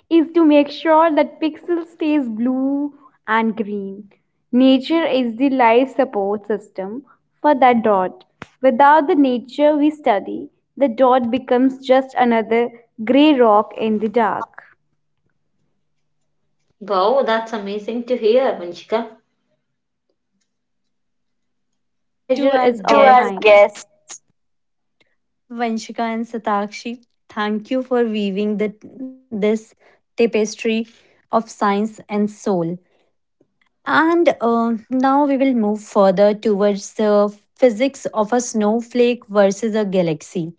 B: is to make sure that pixel stays blue and green. Nature is the life support system for that dot. Without the nature we study, the dot becomes just another grey rock in the dark.
A: To
B: Pleasure
A: our
B: is all mine. To our
A: guests,
B: mine. guest.
A: Vanshika and Satakshi, thank you for weaving this tapestry of science and soul. And now we will move further towards the physics of a snowflake versus a galaxy.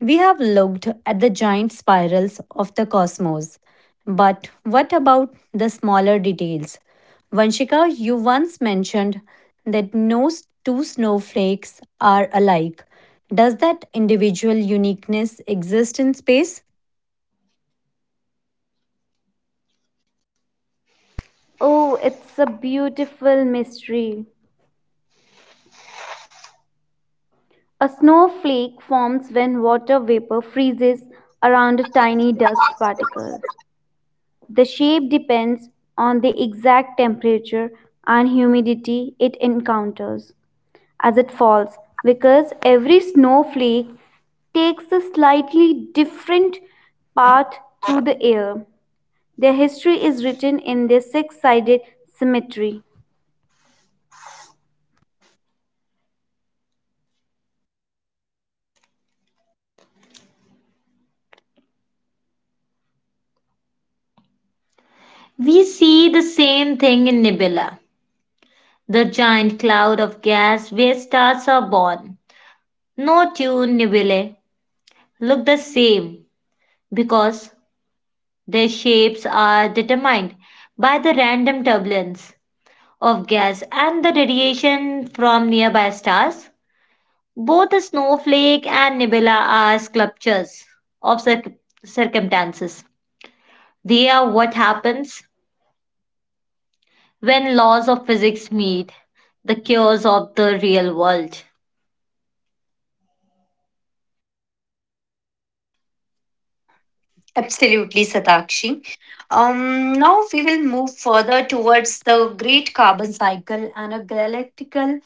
A: We have looked at the giant spirals of the cosmos, but what about the smaller details? Vanshika, you once mentioned that no s- two snowflakes are alike. Does that individual uniqueness exist in space?
B: Oh, it's a beautiful mystery. A snowflake forms when water vapor freezes around a tiny dust particle. The shape depends on the exact temperature and humidity it encounters as it falls, because every snowflake takes a slightly different path through the air. Their history is written in their six sided symmetry.
A: Absolutely, Satakshi. Now we will move further towards the great carbon cycle and a galactical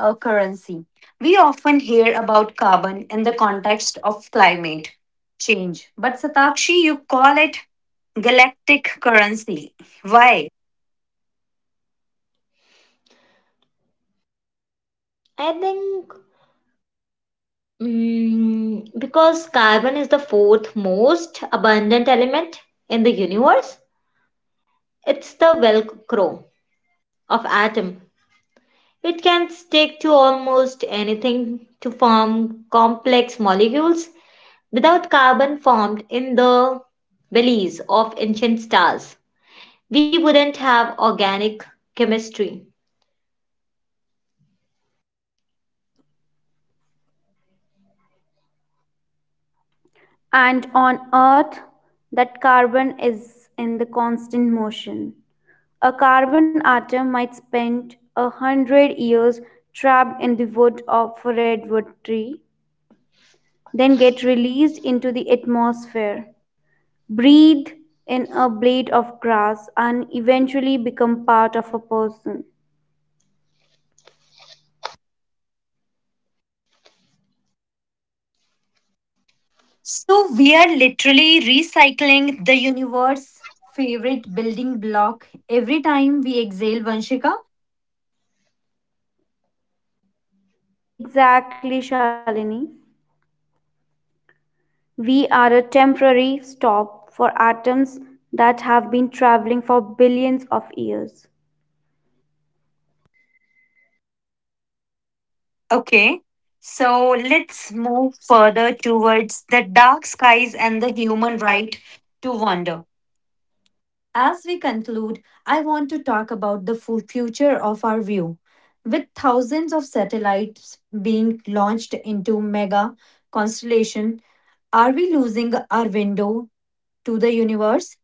A: currency. We often hear about carbon in the context of climate change, but Satakshi, you call it galactic currency. Why?
B: And on earth, that carbon is in the constant motion. A carbon atom might spend 100 years trapped in the wood of a redwood tree, then get released into the atmosphere, breathe in a blade of grass, and eventually become part of a person.
A: So we are literally recycling the universe favorite building block every time we exhale Vanshika.
B: Exactly, Shalini. We are a temporary stop for atoms that have been traveling for billions of years.
A: Okay, so let's move further towards the dark skies and the human right to wander. As we conclude, I want to talk about the future of our view. With thousands of satellites being launched into mega constellation, are we losing our window to the universe?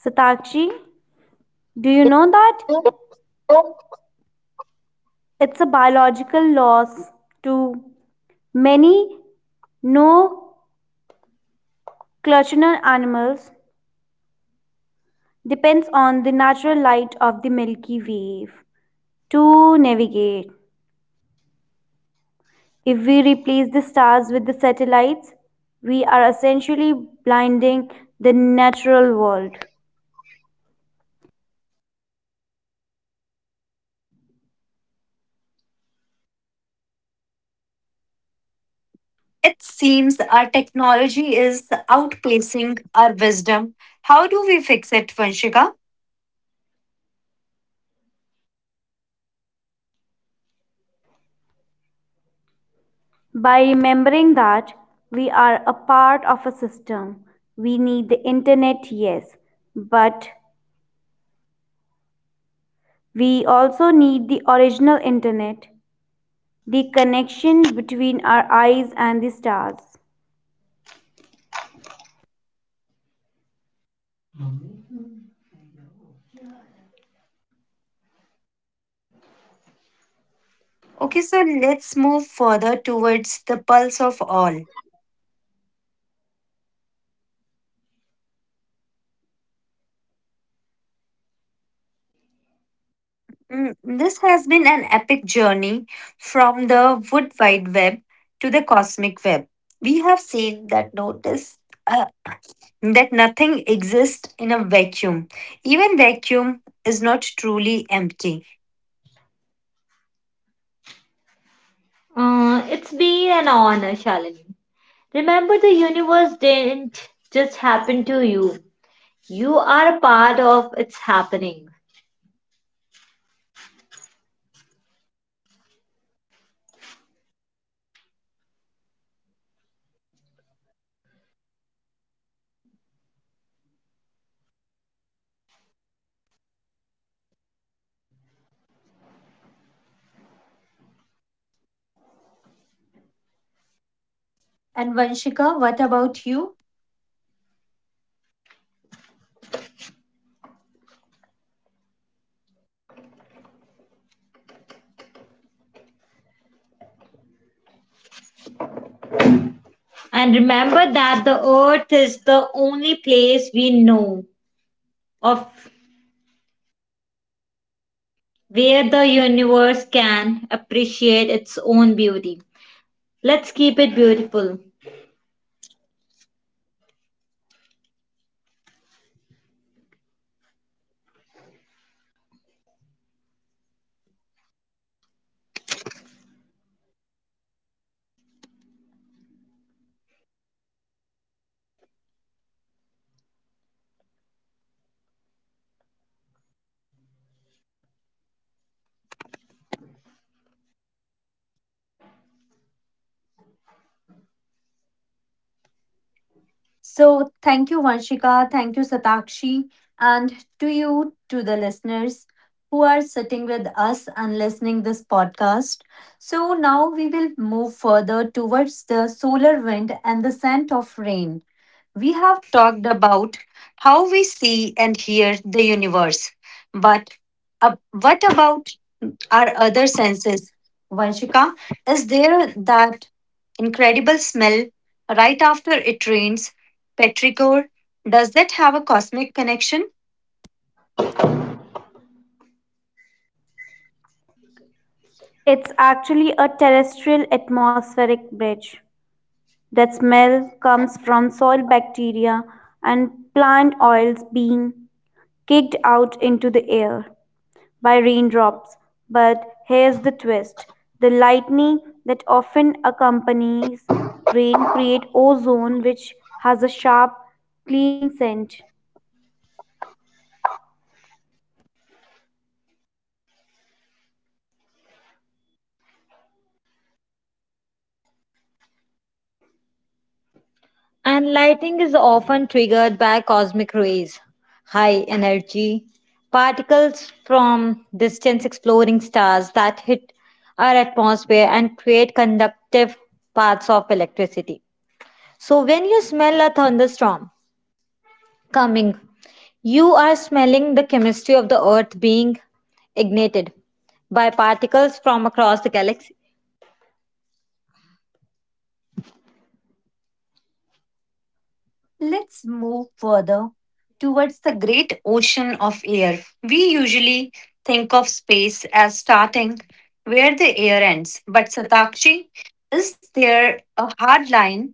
B: Satakshi, do you know that? No. It's a biological loss to many no-clutching animals depends on the natural light of the Milky Way to navigate. If we replace the stars with the satellites, we are essentially blinding the natural world.
A: It seems our technology is outpacing our wisdom. How do we fix it, Vanshika?
B: By remembering that we are a part of a system, we need the internet, yes, but we also need the original internet, the connection between our eyes and the stars.
A: Okay, so let's move further towards the pulse of all. Mm, This has been an epic journey from the wood wide web to the cosmic web. We have seen uh, that nothing exists in a vacuum. Even vacuum is not truly empty. And Vanshika, what about you? So, thank you, Vanshika. Thank you, Satakshi. And to you, to the listeners who are sitting with us and listening this podcast. So, now we will move further towards the solar wind and the scent of rain. We have talked about how we see and hear the universe. But what about our other senses? Vanshika, is there that incredible smell right after it rains Petrichor, does that have a cosmic connection?
B: It's actually a terrestrial atmospheric bridge. That smell comes from soil bacteria and plant oils being kicked out into the air by raindrops. But here's the twist: the lightning that often accompanies rain creates ozone, which has a sharp, clean scent.
A: Let's move further towards the great ocean of air. We usually think of space as starting where the air ends, but Satakshi, is there a hard line?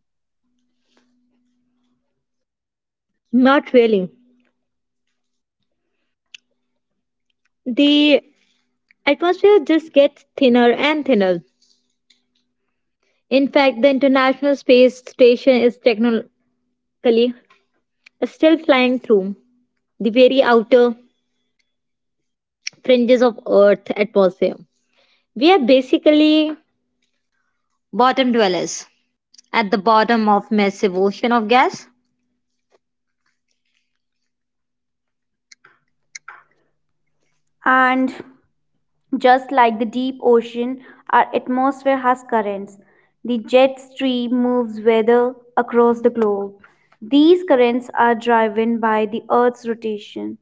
B: And just like the deep ocean, our atmosphere has currents. The jet stream moves weather across the globe. These currents are driven by the Earth's rotation,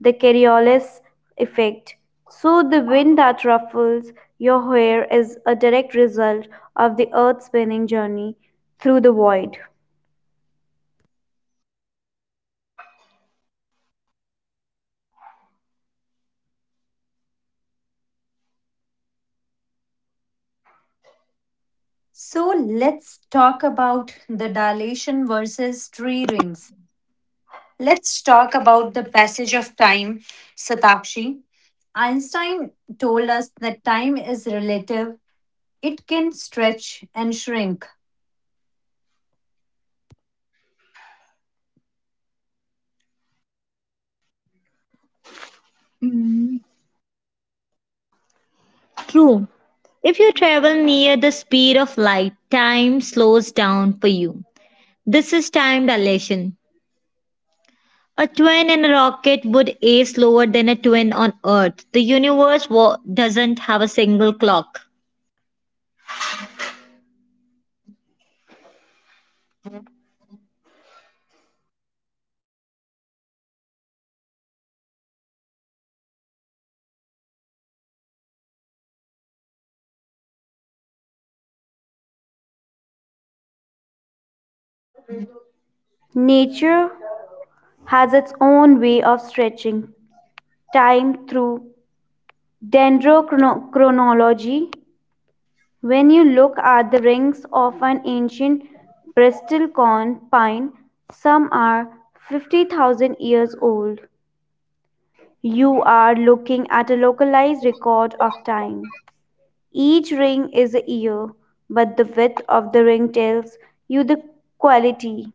B: the Coriolis effect. So, the wind that ruffles your hair is a direct result of the Earth's spinning journey through the void.
A: So let's talk about the dilation versus tree rings. Let's talk about the passage of time, Satakshi. Einstein told us that time is relative it can stretch and shrink.
B: Nature has its own way of stretching time through dendrochronology. When you look at the rings of an ancient bristlecone pine, some are 50,000 years old. You are looking at a localized record of time. Each ring is a year, but the width of the ring tells you the quality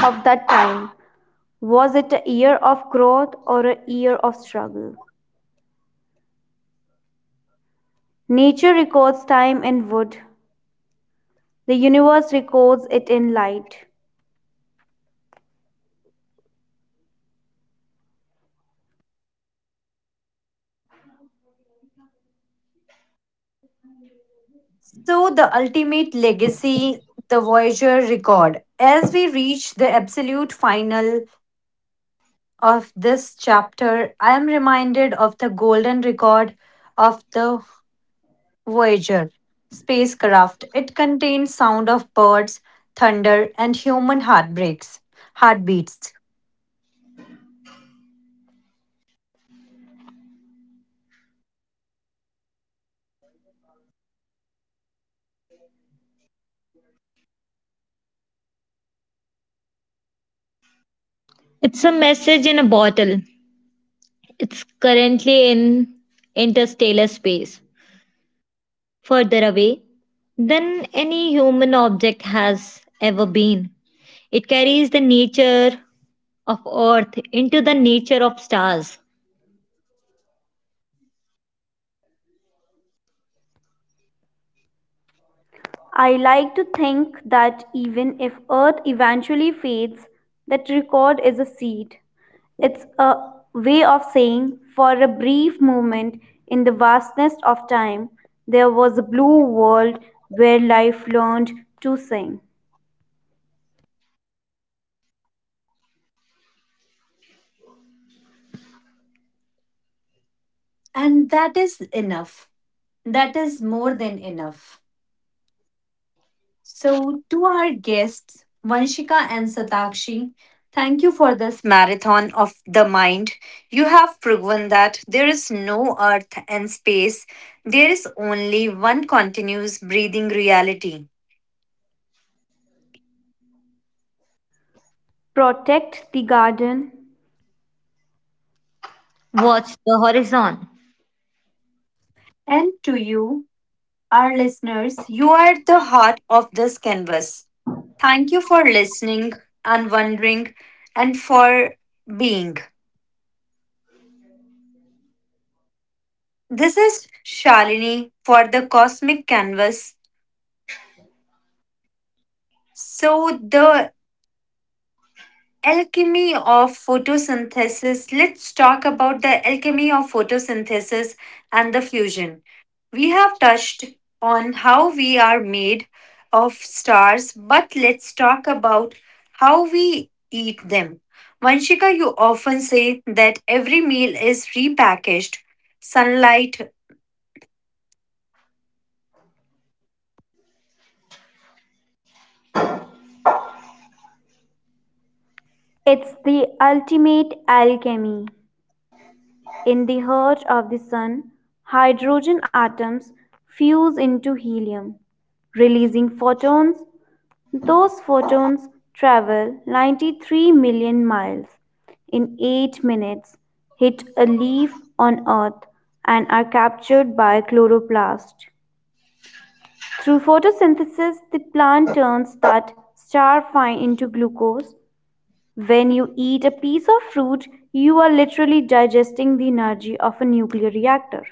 B: of that time. Was it a year of growth or a year of struggle? Nature records time in wood, the universe records it in light.
A: So, the ultimate legacy, the Voyager record. As we reach the absolute final of this chapter, I am reminded of the golden record of the Voyager spacecraft. It contains sound of birds, thunder, and human heartbeats.
B: I like to think that even if earth eventually fades, that record is a seed. It's a way of saying, for a brief moment in the vastness of time, there was a blue world where life learned to sing.
A: And that is enough. That is more than enough. So, to our guests, Vanshika and Satakshi, thank you for this marathon of the mind. You have proven that there is no earth and space, there is only one continuous breathing reality.
B: Protect the garden.
A: And to you, our listeners, you are the heart of this canvas. Thank you for listening and wondering and for being. This is Shalini for the Cosmic Canvas. So, the Alchemy of photosynthesis. Let's talk about the alchemy of photosynthesis and the fusion. We have touched on how we are made of stars, but let's talk about how we eat them. Vanshika, you often say that every meal is repackaged. Sunlight,
B: It's the ultimate alchemy. In the heart of the sun, hydrogen atoms fuse into helium, releasing photons. Those photons travel 93 million miles in 8 minutes, hit a leaf on Earth, and are captured by chloroplast. Through photosynthesis, the plant turns that starvine into glucose. When you eat a piece of fruit, you are literally digesting the energy of a nuclear reactor.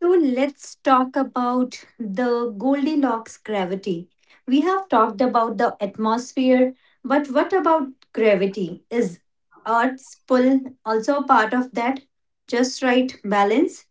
A: so let's talk about the Goldilocks gravity. We have talked about the atmosphere, but what about gravity? Is Earth's pull also a part of that? Just right balance?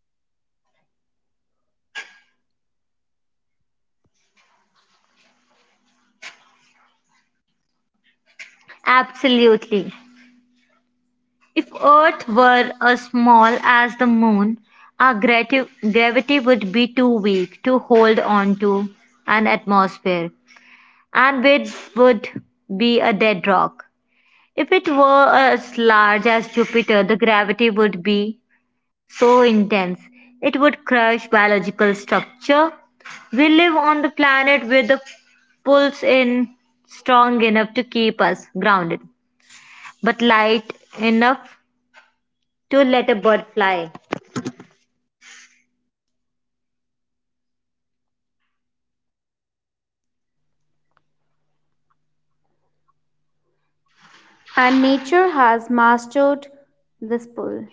B: And nature has mastered this pull.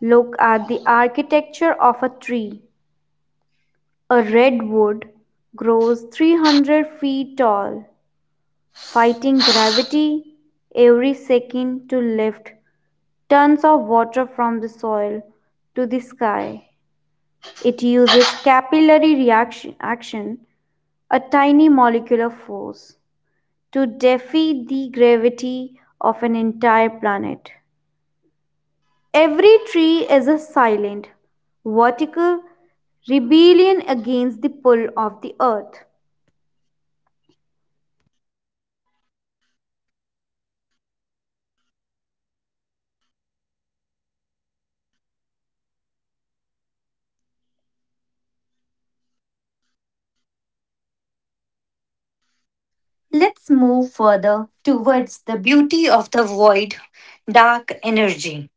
B: Look at the architecture of a tree. A redwood grows 300 feet tall, fighting gravity every second to lift tons of water from the soil to the sky. It uses capillary reaction action, a tiny molecular force, to defy the gravity of an entire planet. Every tree is a silent, vertical rebellion against the pull of the earth.
A: Let's move further towards the beauty of the void, dark energy.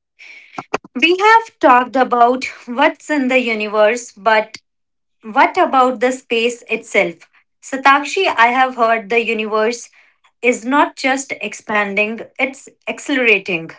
A: We have talked about what's in the universe, but what about the space itself? Satakshi, I have heard the universe is not just expanding, it's accelerating.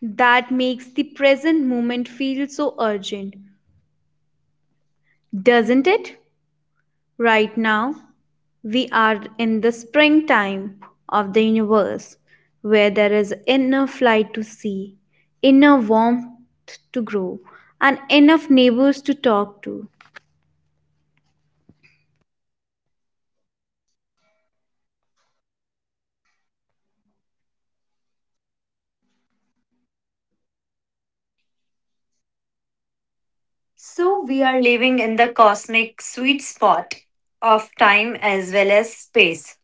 B: That makes the present moment feel so urgent, doesn't it? Right now, we are in the springtime of the universe, where there is enough light to see, enough warmth to grow, and enough neighbors to talk to.
A: So we are living in the cosmic sweet spot of time as well as space.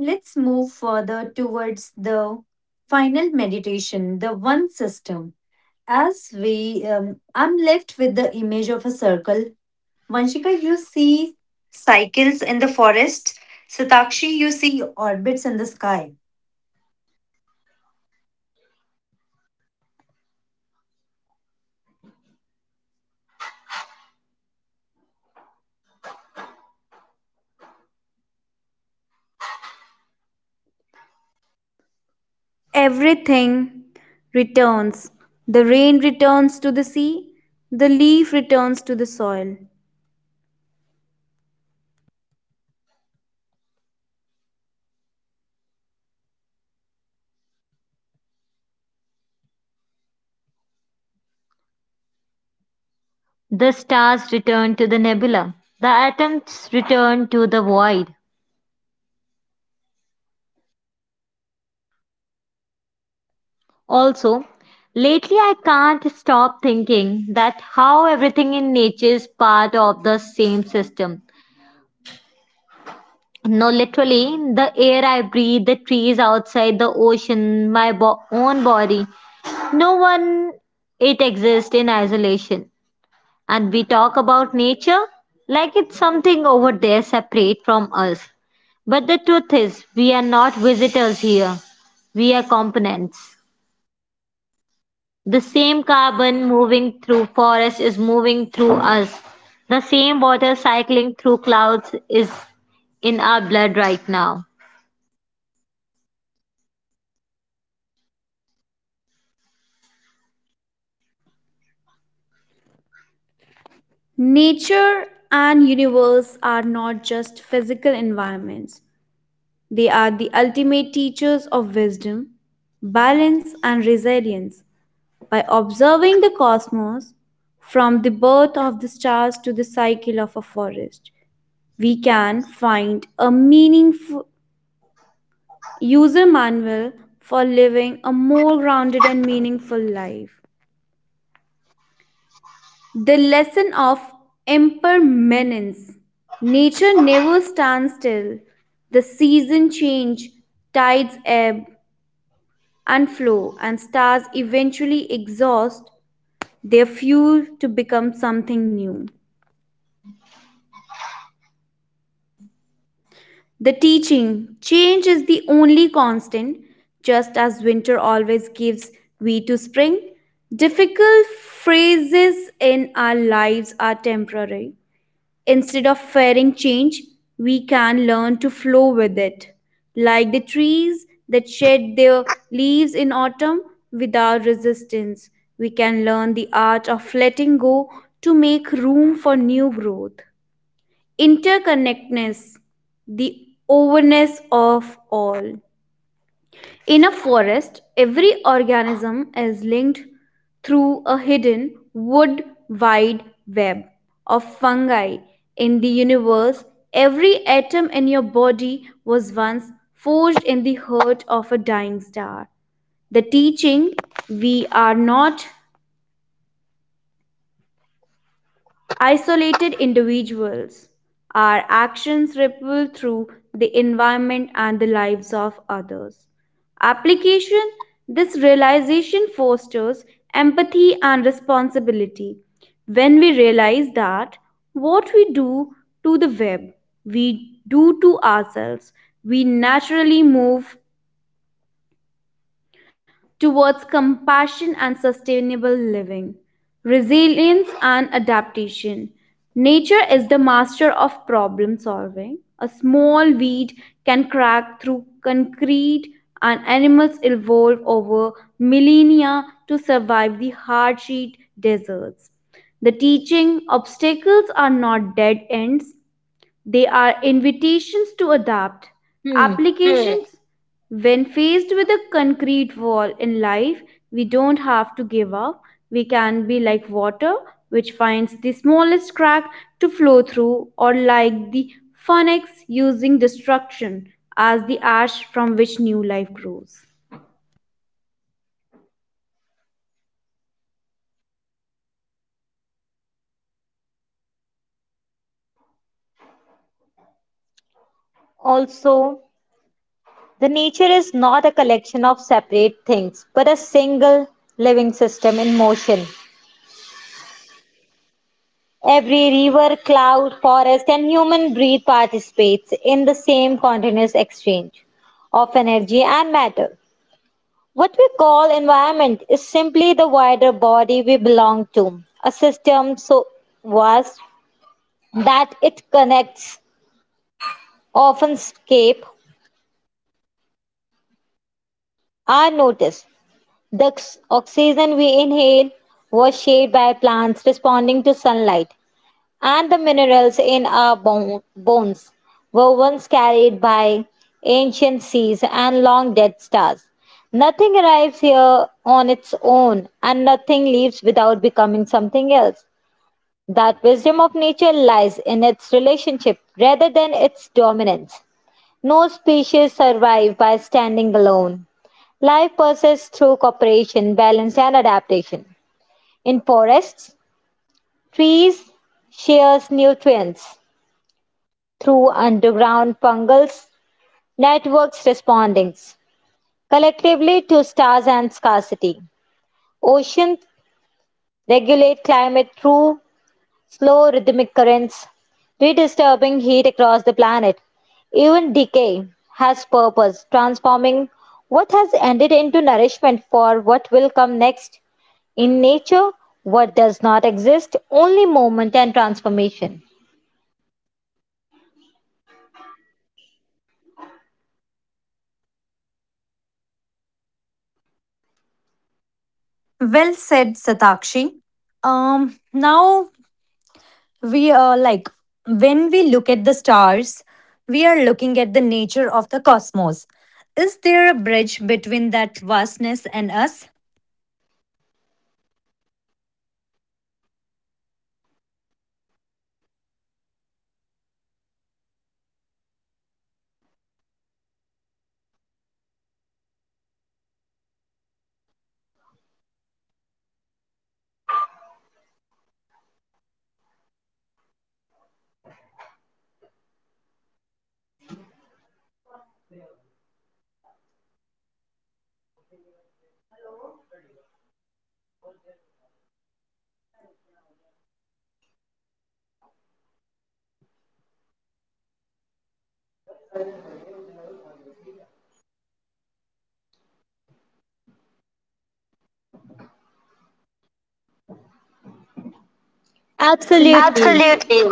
A: Let's move further towards the final meditation, the one system. I'm left with the image of a circle. Vanshika, you see cycles in the forest. Satakshi, you see orbits in the sky.
B: Everything returns. The rain returns to the sea, the leaf returns to the soil. Nature and universe are not just physical environments, they are the ultimate teachers of wisdom, balance, and resilience. By observing the cosmos, from the birth of the stars to the cycle of a forest, we can find a meaningful user manual for living a more grounded and meaningful life. The lesson of impermanence. Nature never stands still. The seasons change, tides ebb and flow, and stars eventually exhaust their fuel to become something new. The teaching: change is the only constant. Just as winter always gives way to spring, difficult phases in our lives are temporary. Instead of fearing change, we can learn to flow with it. Like the trees that shed their leaves in autumn without resistance, we can learn the art of letting go to make room for new growth. Interconnectedness, the overness of all. In a forest, every organism is linked through a hidden wood wide web of fungi. In the universe, every atom in your body was once forged in the heart of a dying star. The teaching: we are not isolated individuals. Our actions ripple through the environment and the lives of others. Application: this realization fosters empathy and responsibility. When we realize that what we do to the web, we do to ourselves, we naturally move towards compassion and sustainable living, resilience and adaptation. Nature is the master of problem solving. A small weed can crack through concrete, and animals evolve over millennia to survive the hard sheet deserts. The teaching: obstacles are not dead ends, they are invitations to adapt. Applications. Mm. When faced with a concrete wall in life, we don't have to give up. We can be like water, which finds the smallest crack to flow through, or like the phoenix using destruction as the ash from which new life grows.
A: Well said, Satakshi. Now we are like when we look at the stars we are looking at the nature of the cosmos, is there a bridge between that vastness and us?
B: Absolutely. Absolutely.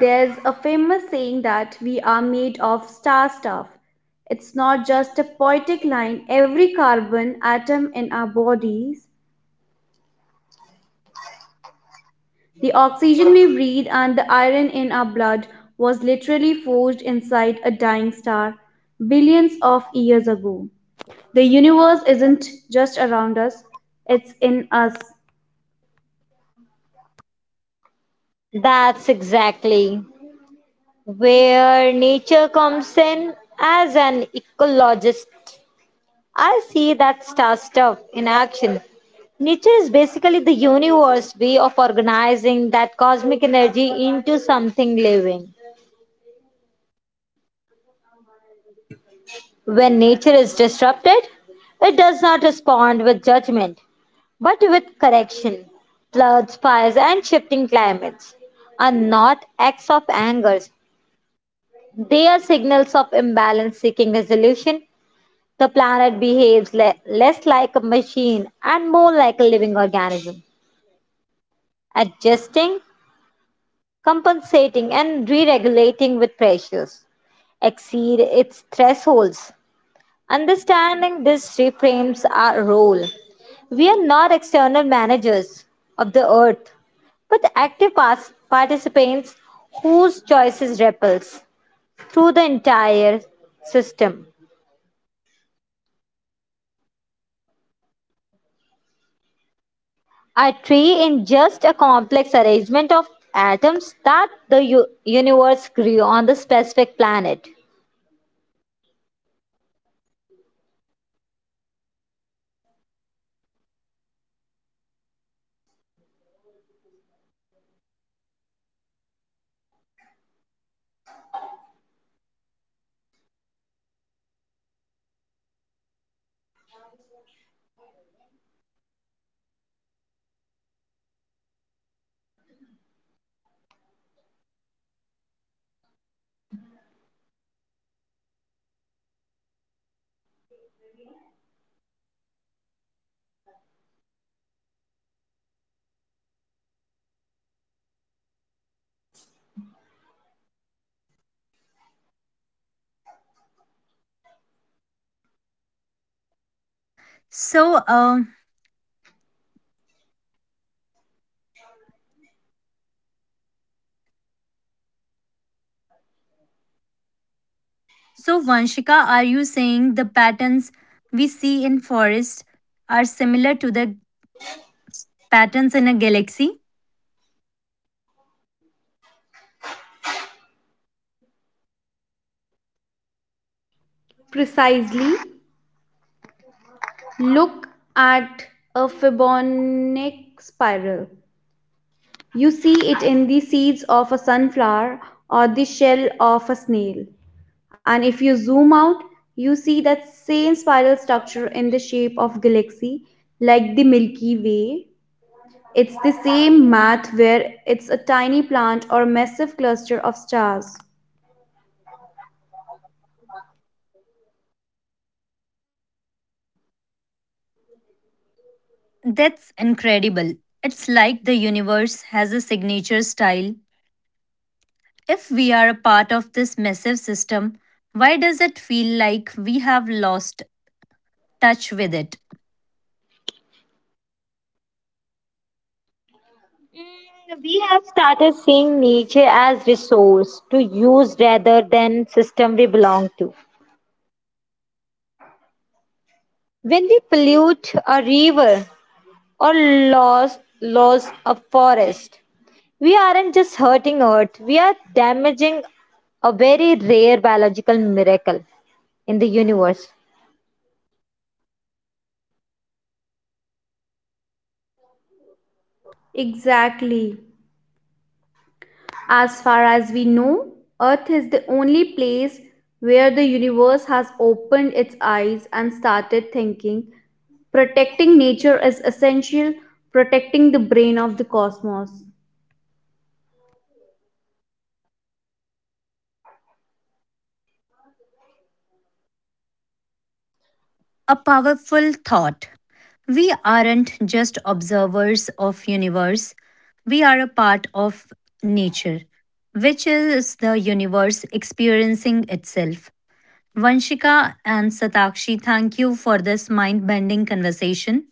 B: There's a famous saying that we are made of star stuff. It's not just a poetic line. Every carbon atom in our bodies, the oxygen we breathe, and the iron in our blood was literally forged inside a dying star billions of years ago. The universe isn't just around us, it's in us.
A: So uh, so vanshika, are you saying the patterns we see in forest are similar to the patterns in a galaxy?
B: Precisely, look at a Fibonacci spiral. You see it in the seeds of a sunflower or the shell of a snail. And if you zoom out, you see that same spiral structure in the shape of galaxy like the Milky Way. It's the same math where it's a tiny plant or a massive cluster of stars.
A: That's incredible. It's like the universe has a signature style. If we are a part of this massive system, why does it feel like we have lost touch with it?
B: Exactly. As far as we know, Earth is the only place where the universe has opened its eyes and started thinking. Protecting nature is essential, protecting the brain of the cosmos.
A: A powerful thought. We aren't just observers of universe, we are a part of nature, which is the universe experiencing itself. Vanshika and Satakshi, thank you for this mind bending conversation.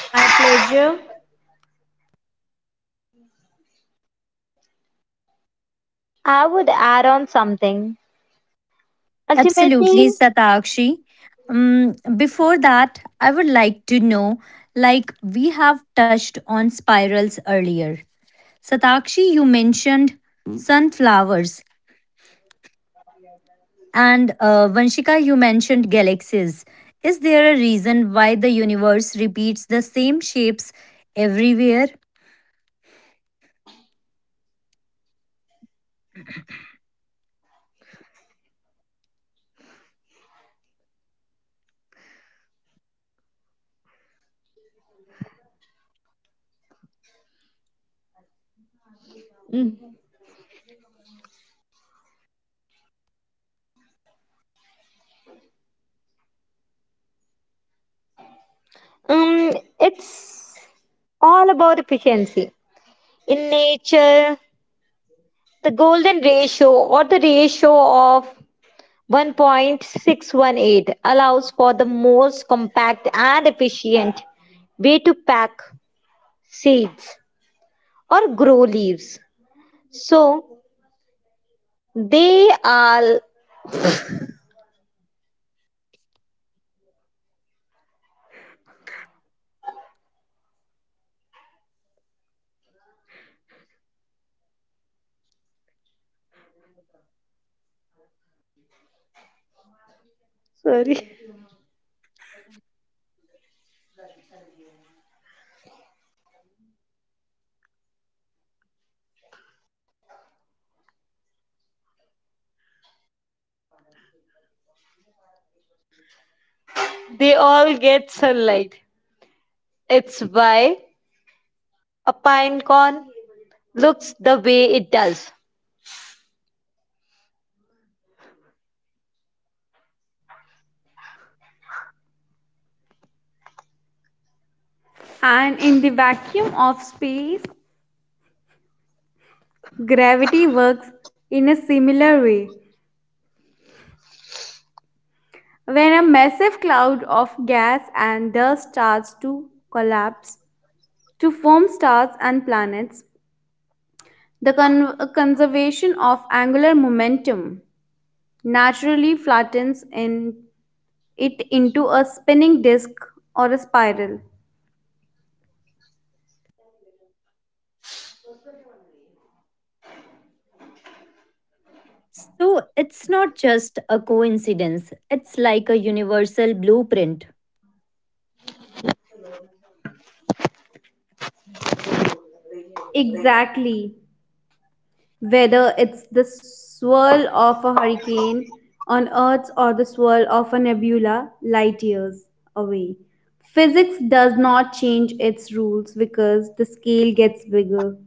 B: My pleasure.
A: Absolutely, Satakshi. Before that, I would like to know, like, we have touched on spirals earlier. Satakshi, you mentioned sunflowers. And Vanshika, you mentioned galaxies. Is there a reason why the universe repeats the same shapes everywhere?
B: And in the vacuum of space, gravity works in a similar way. When a massive cloud of gas and dust starts to collapse to form stars and planets, the conservation of angular momentum naturally flattens in it into a spinning disk or a spiral.
A: So it's not just a coincidence, it's like a universal blueprint.
B: Exactly. Whether it's the swirl of a hurricane on Earth or the swirl of a nebula light years away, physics does not change its rules because the scale gets bigger.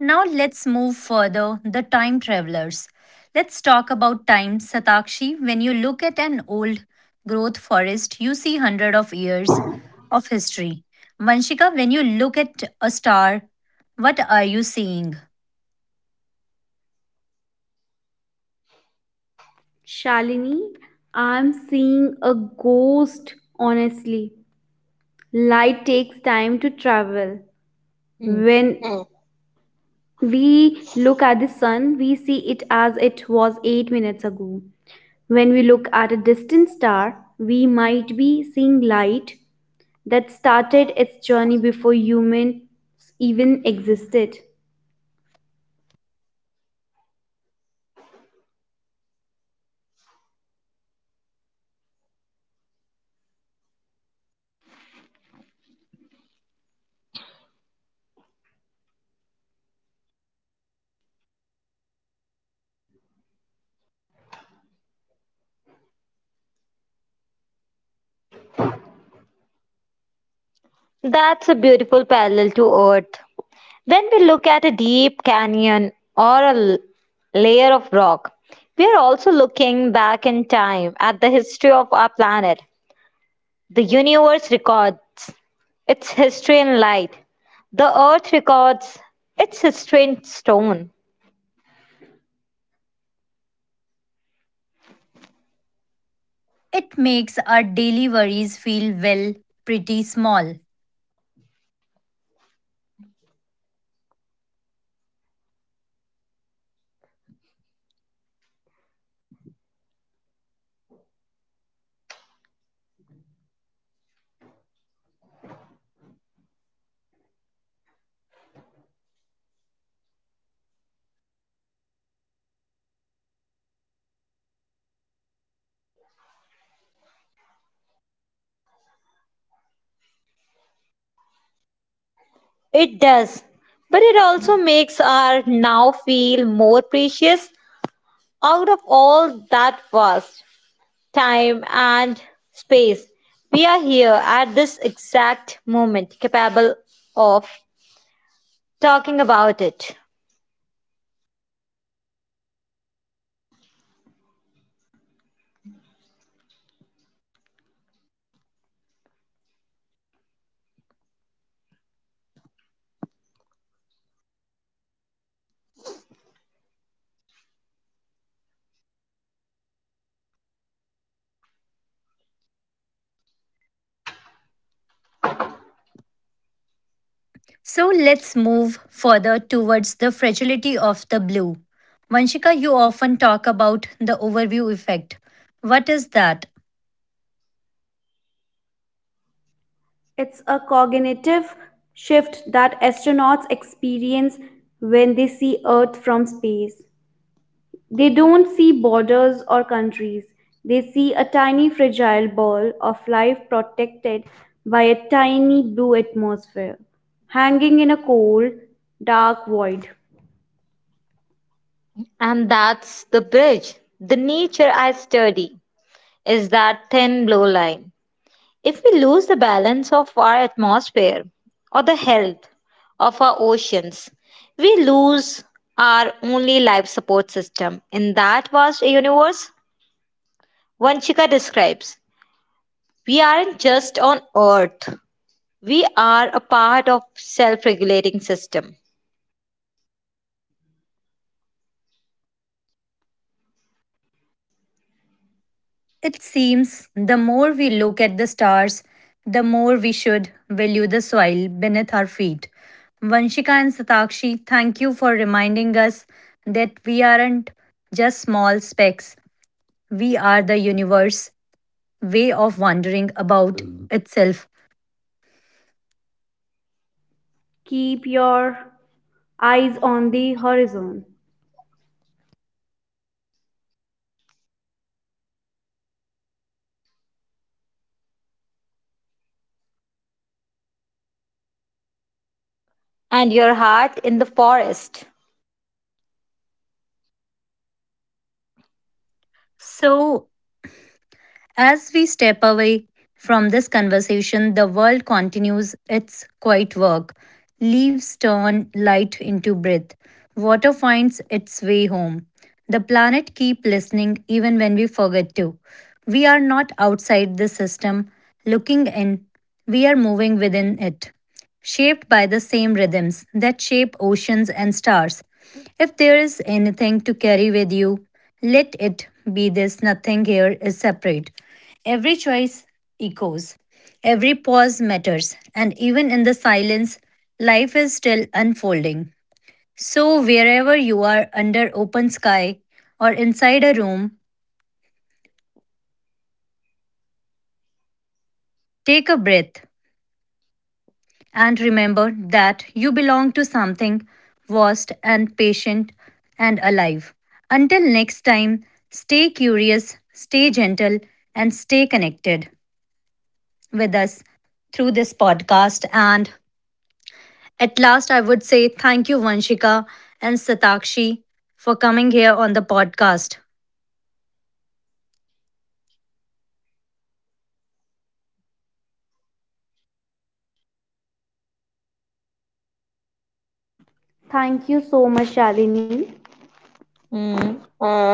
A: Now let's move further, the time travelers. Let's talk about time, Satakshi. When you look at an old growth forest, you see hundred of years of history. Vanshika, when you look at a star, what are you seeing?
B: Shalini, I'm seeing a ghost, honestly. Light takes time to travel. When we look at the sun, we see it as it was 8 minutes ago. When we look at a distant star, we might be seeing light that started its journey before humans even existed.
A: It makes our daily worries feel, well, pretty small. So let's move further towards the fragility of the blue. Vanshika, you often talk about the overview effect. What is that?
B: It's a cognitive shift that astronauts experience when they see Earth from space. They don't see borders or countries. They see a tiny fragile ball of life protected by a tiny blue atmosphere, hanging in a cold, dark void.
A: It seems the more we look at the stars, the more we should value the soil beneath our feet. Vanshika and Satakshi, thank you for reminding us that we aren't just small specks, we are the universe way of wondering about itself.
B: Keep your eyes on the horizon.
A: So, as we step away from this conversation, the world continues its quiet work. Leaves turn light into breath. Water finds its way home. The planet keeps listening even when we forget to. We are not outside the system looking in. We are moving within it, shaped by the same rhythms that shape oceans and stars. If there is anything to carry with you, let it be this nothing here is separate. Every choice echoes. Every pause matters, and even in the silence, life is still unfolding. So, wherever you are under open sky or inside a room, take a breath and remember that you belong to something vast and patient and alive. Until next time, stay curious, stay gentle, and stay connected with us through this podcast and At last, I would say thank you, Vanshika and Satakshi, for coming here on the podcast.
B: Thank you so much, Shalini. Mm.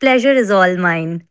A: Pleasure is all mine.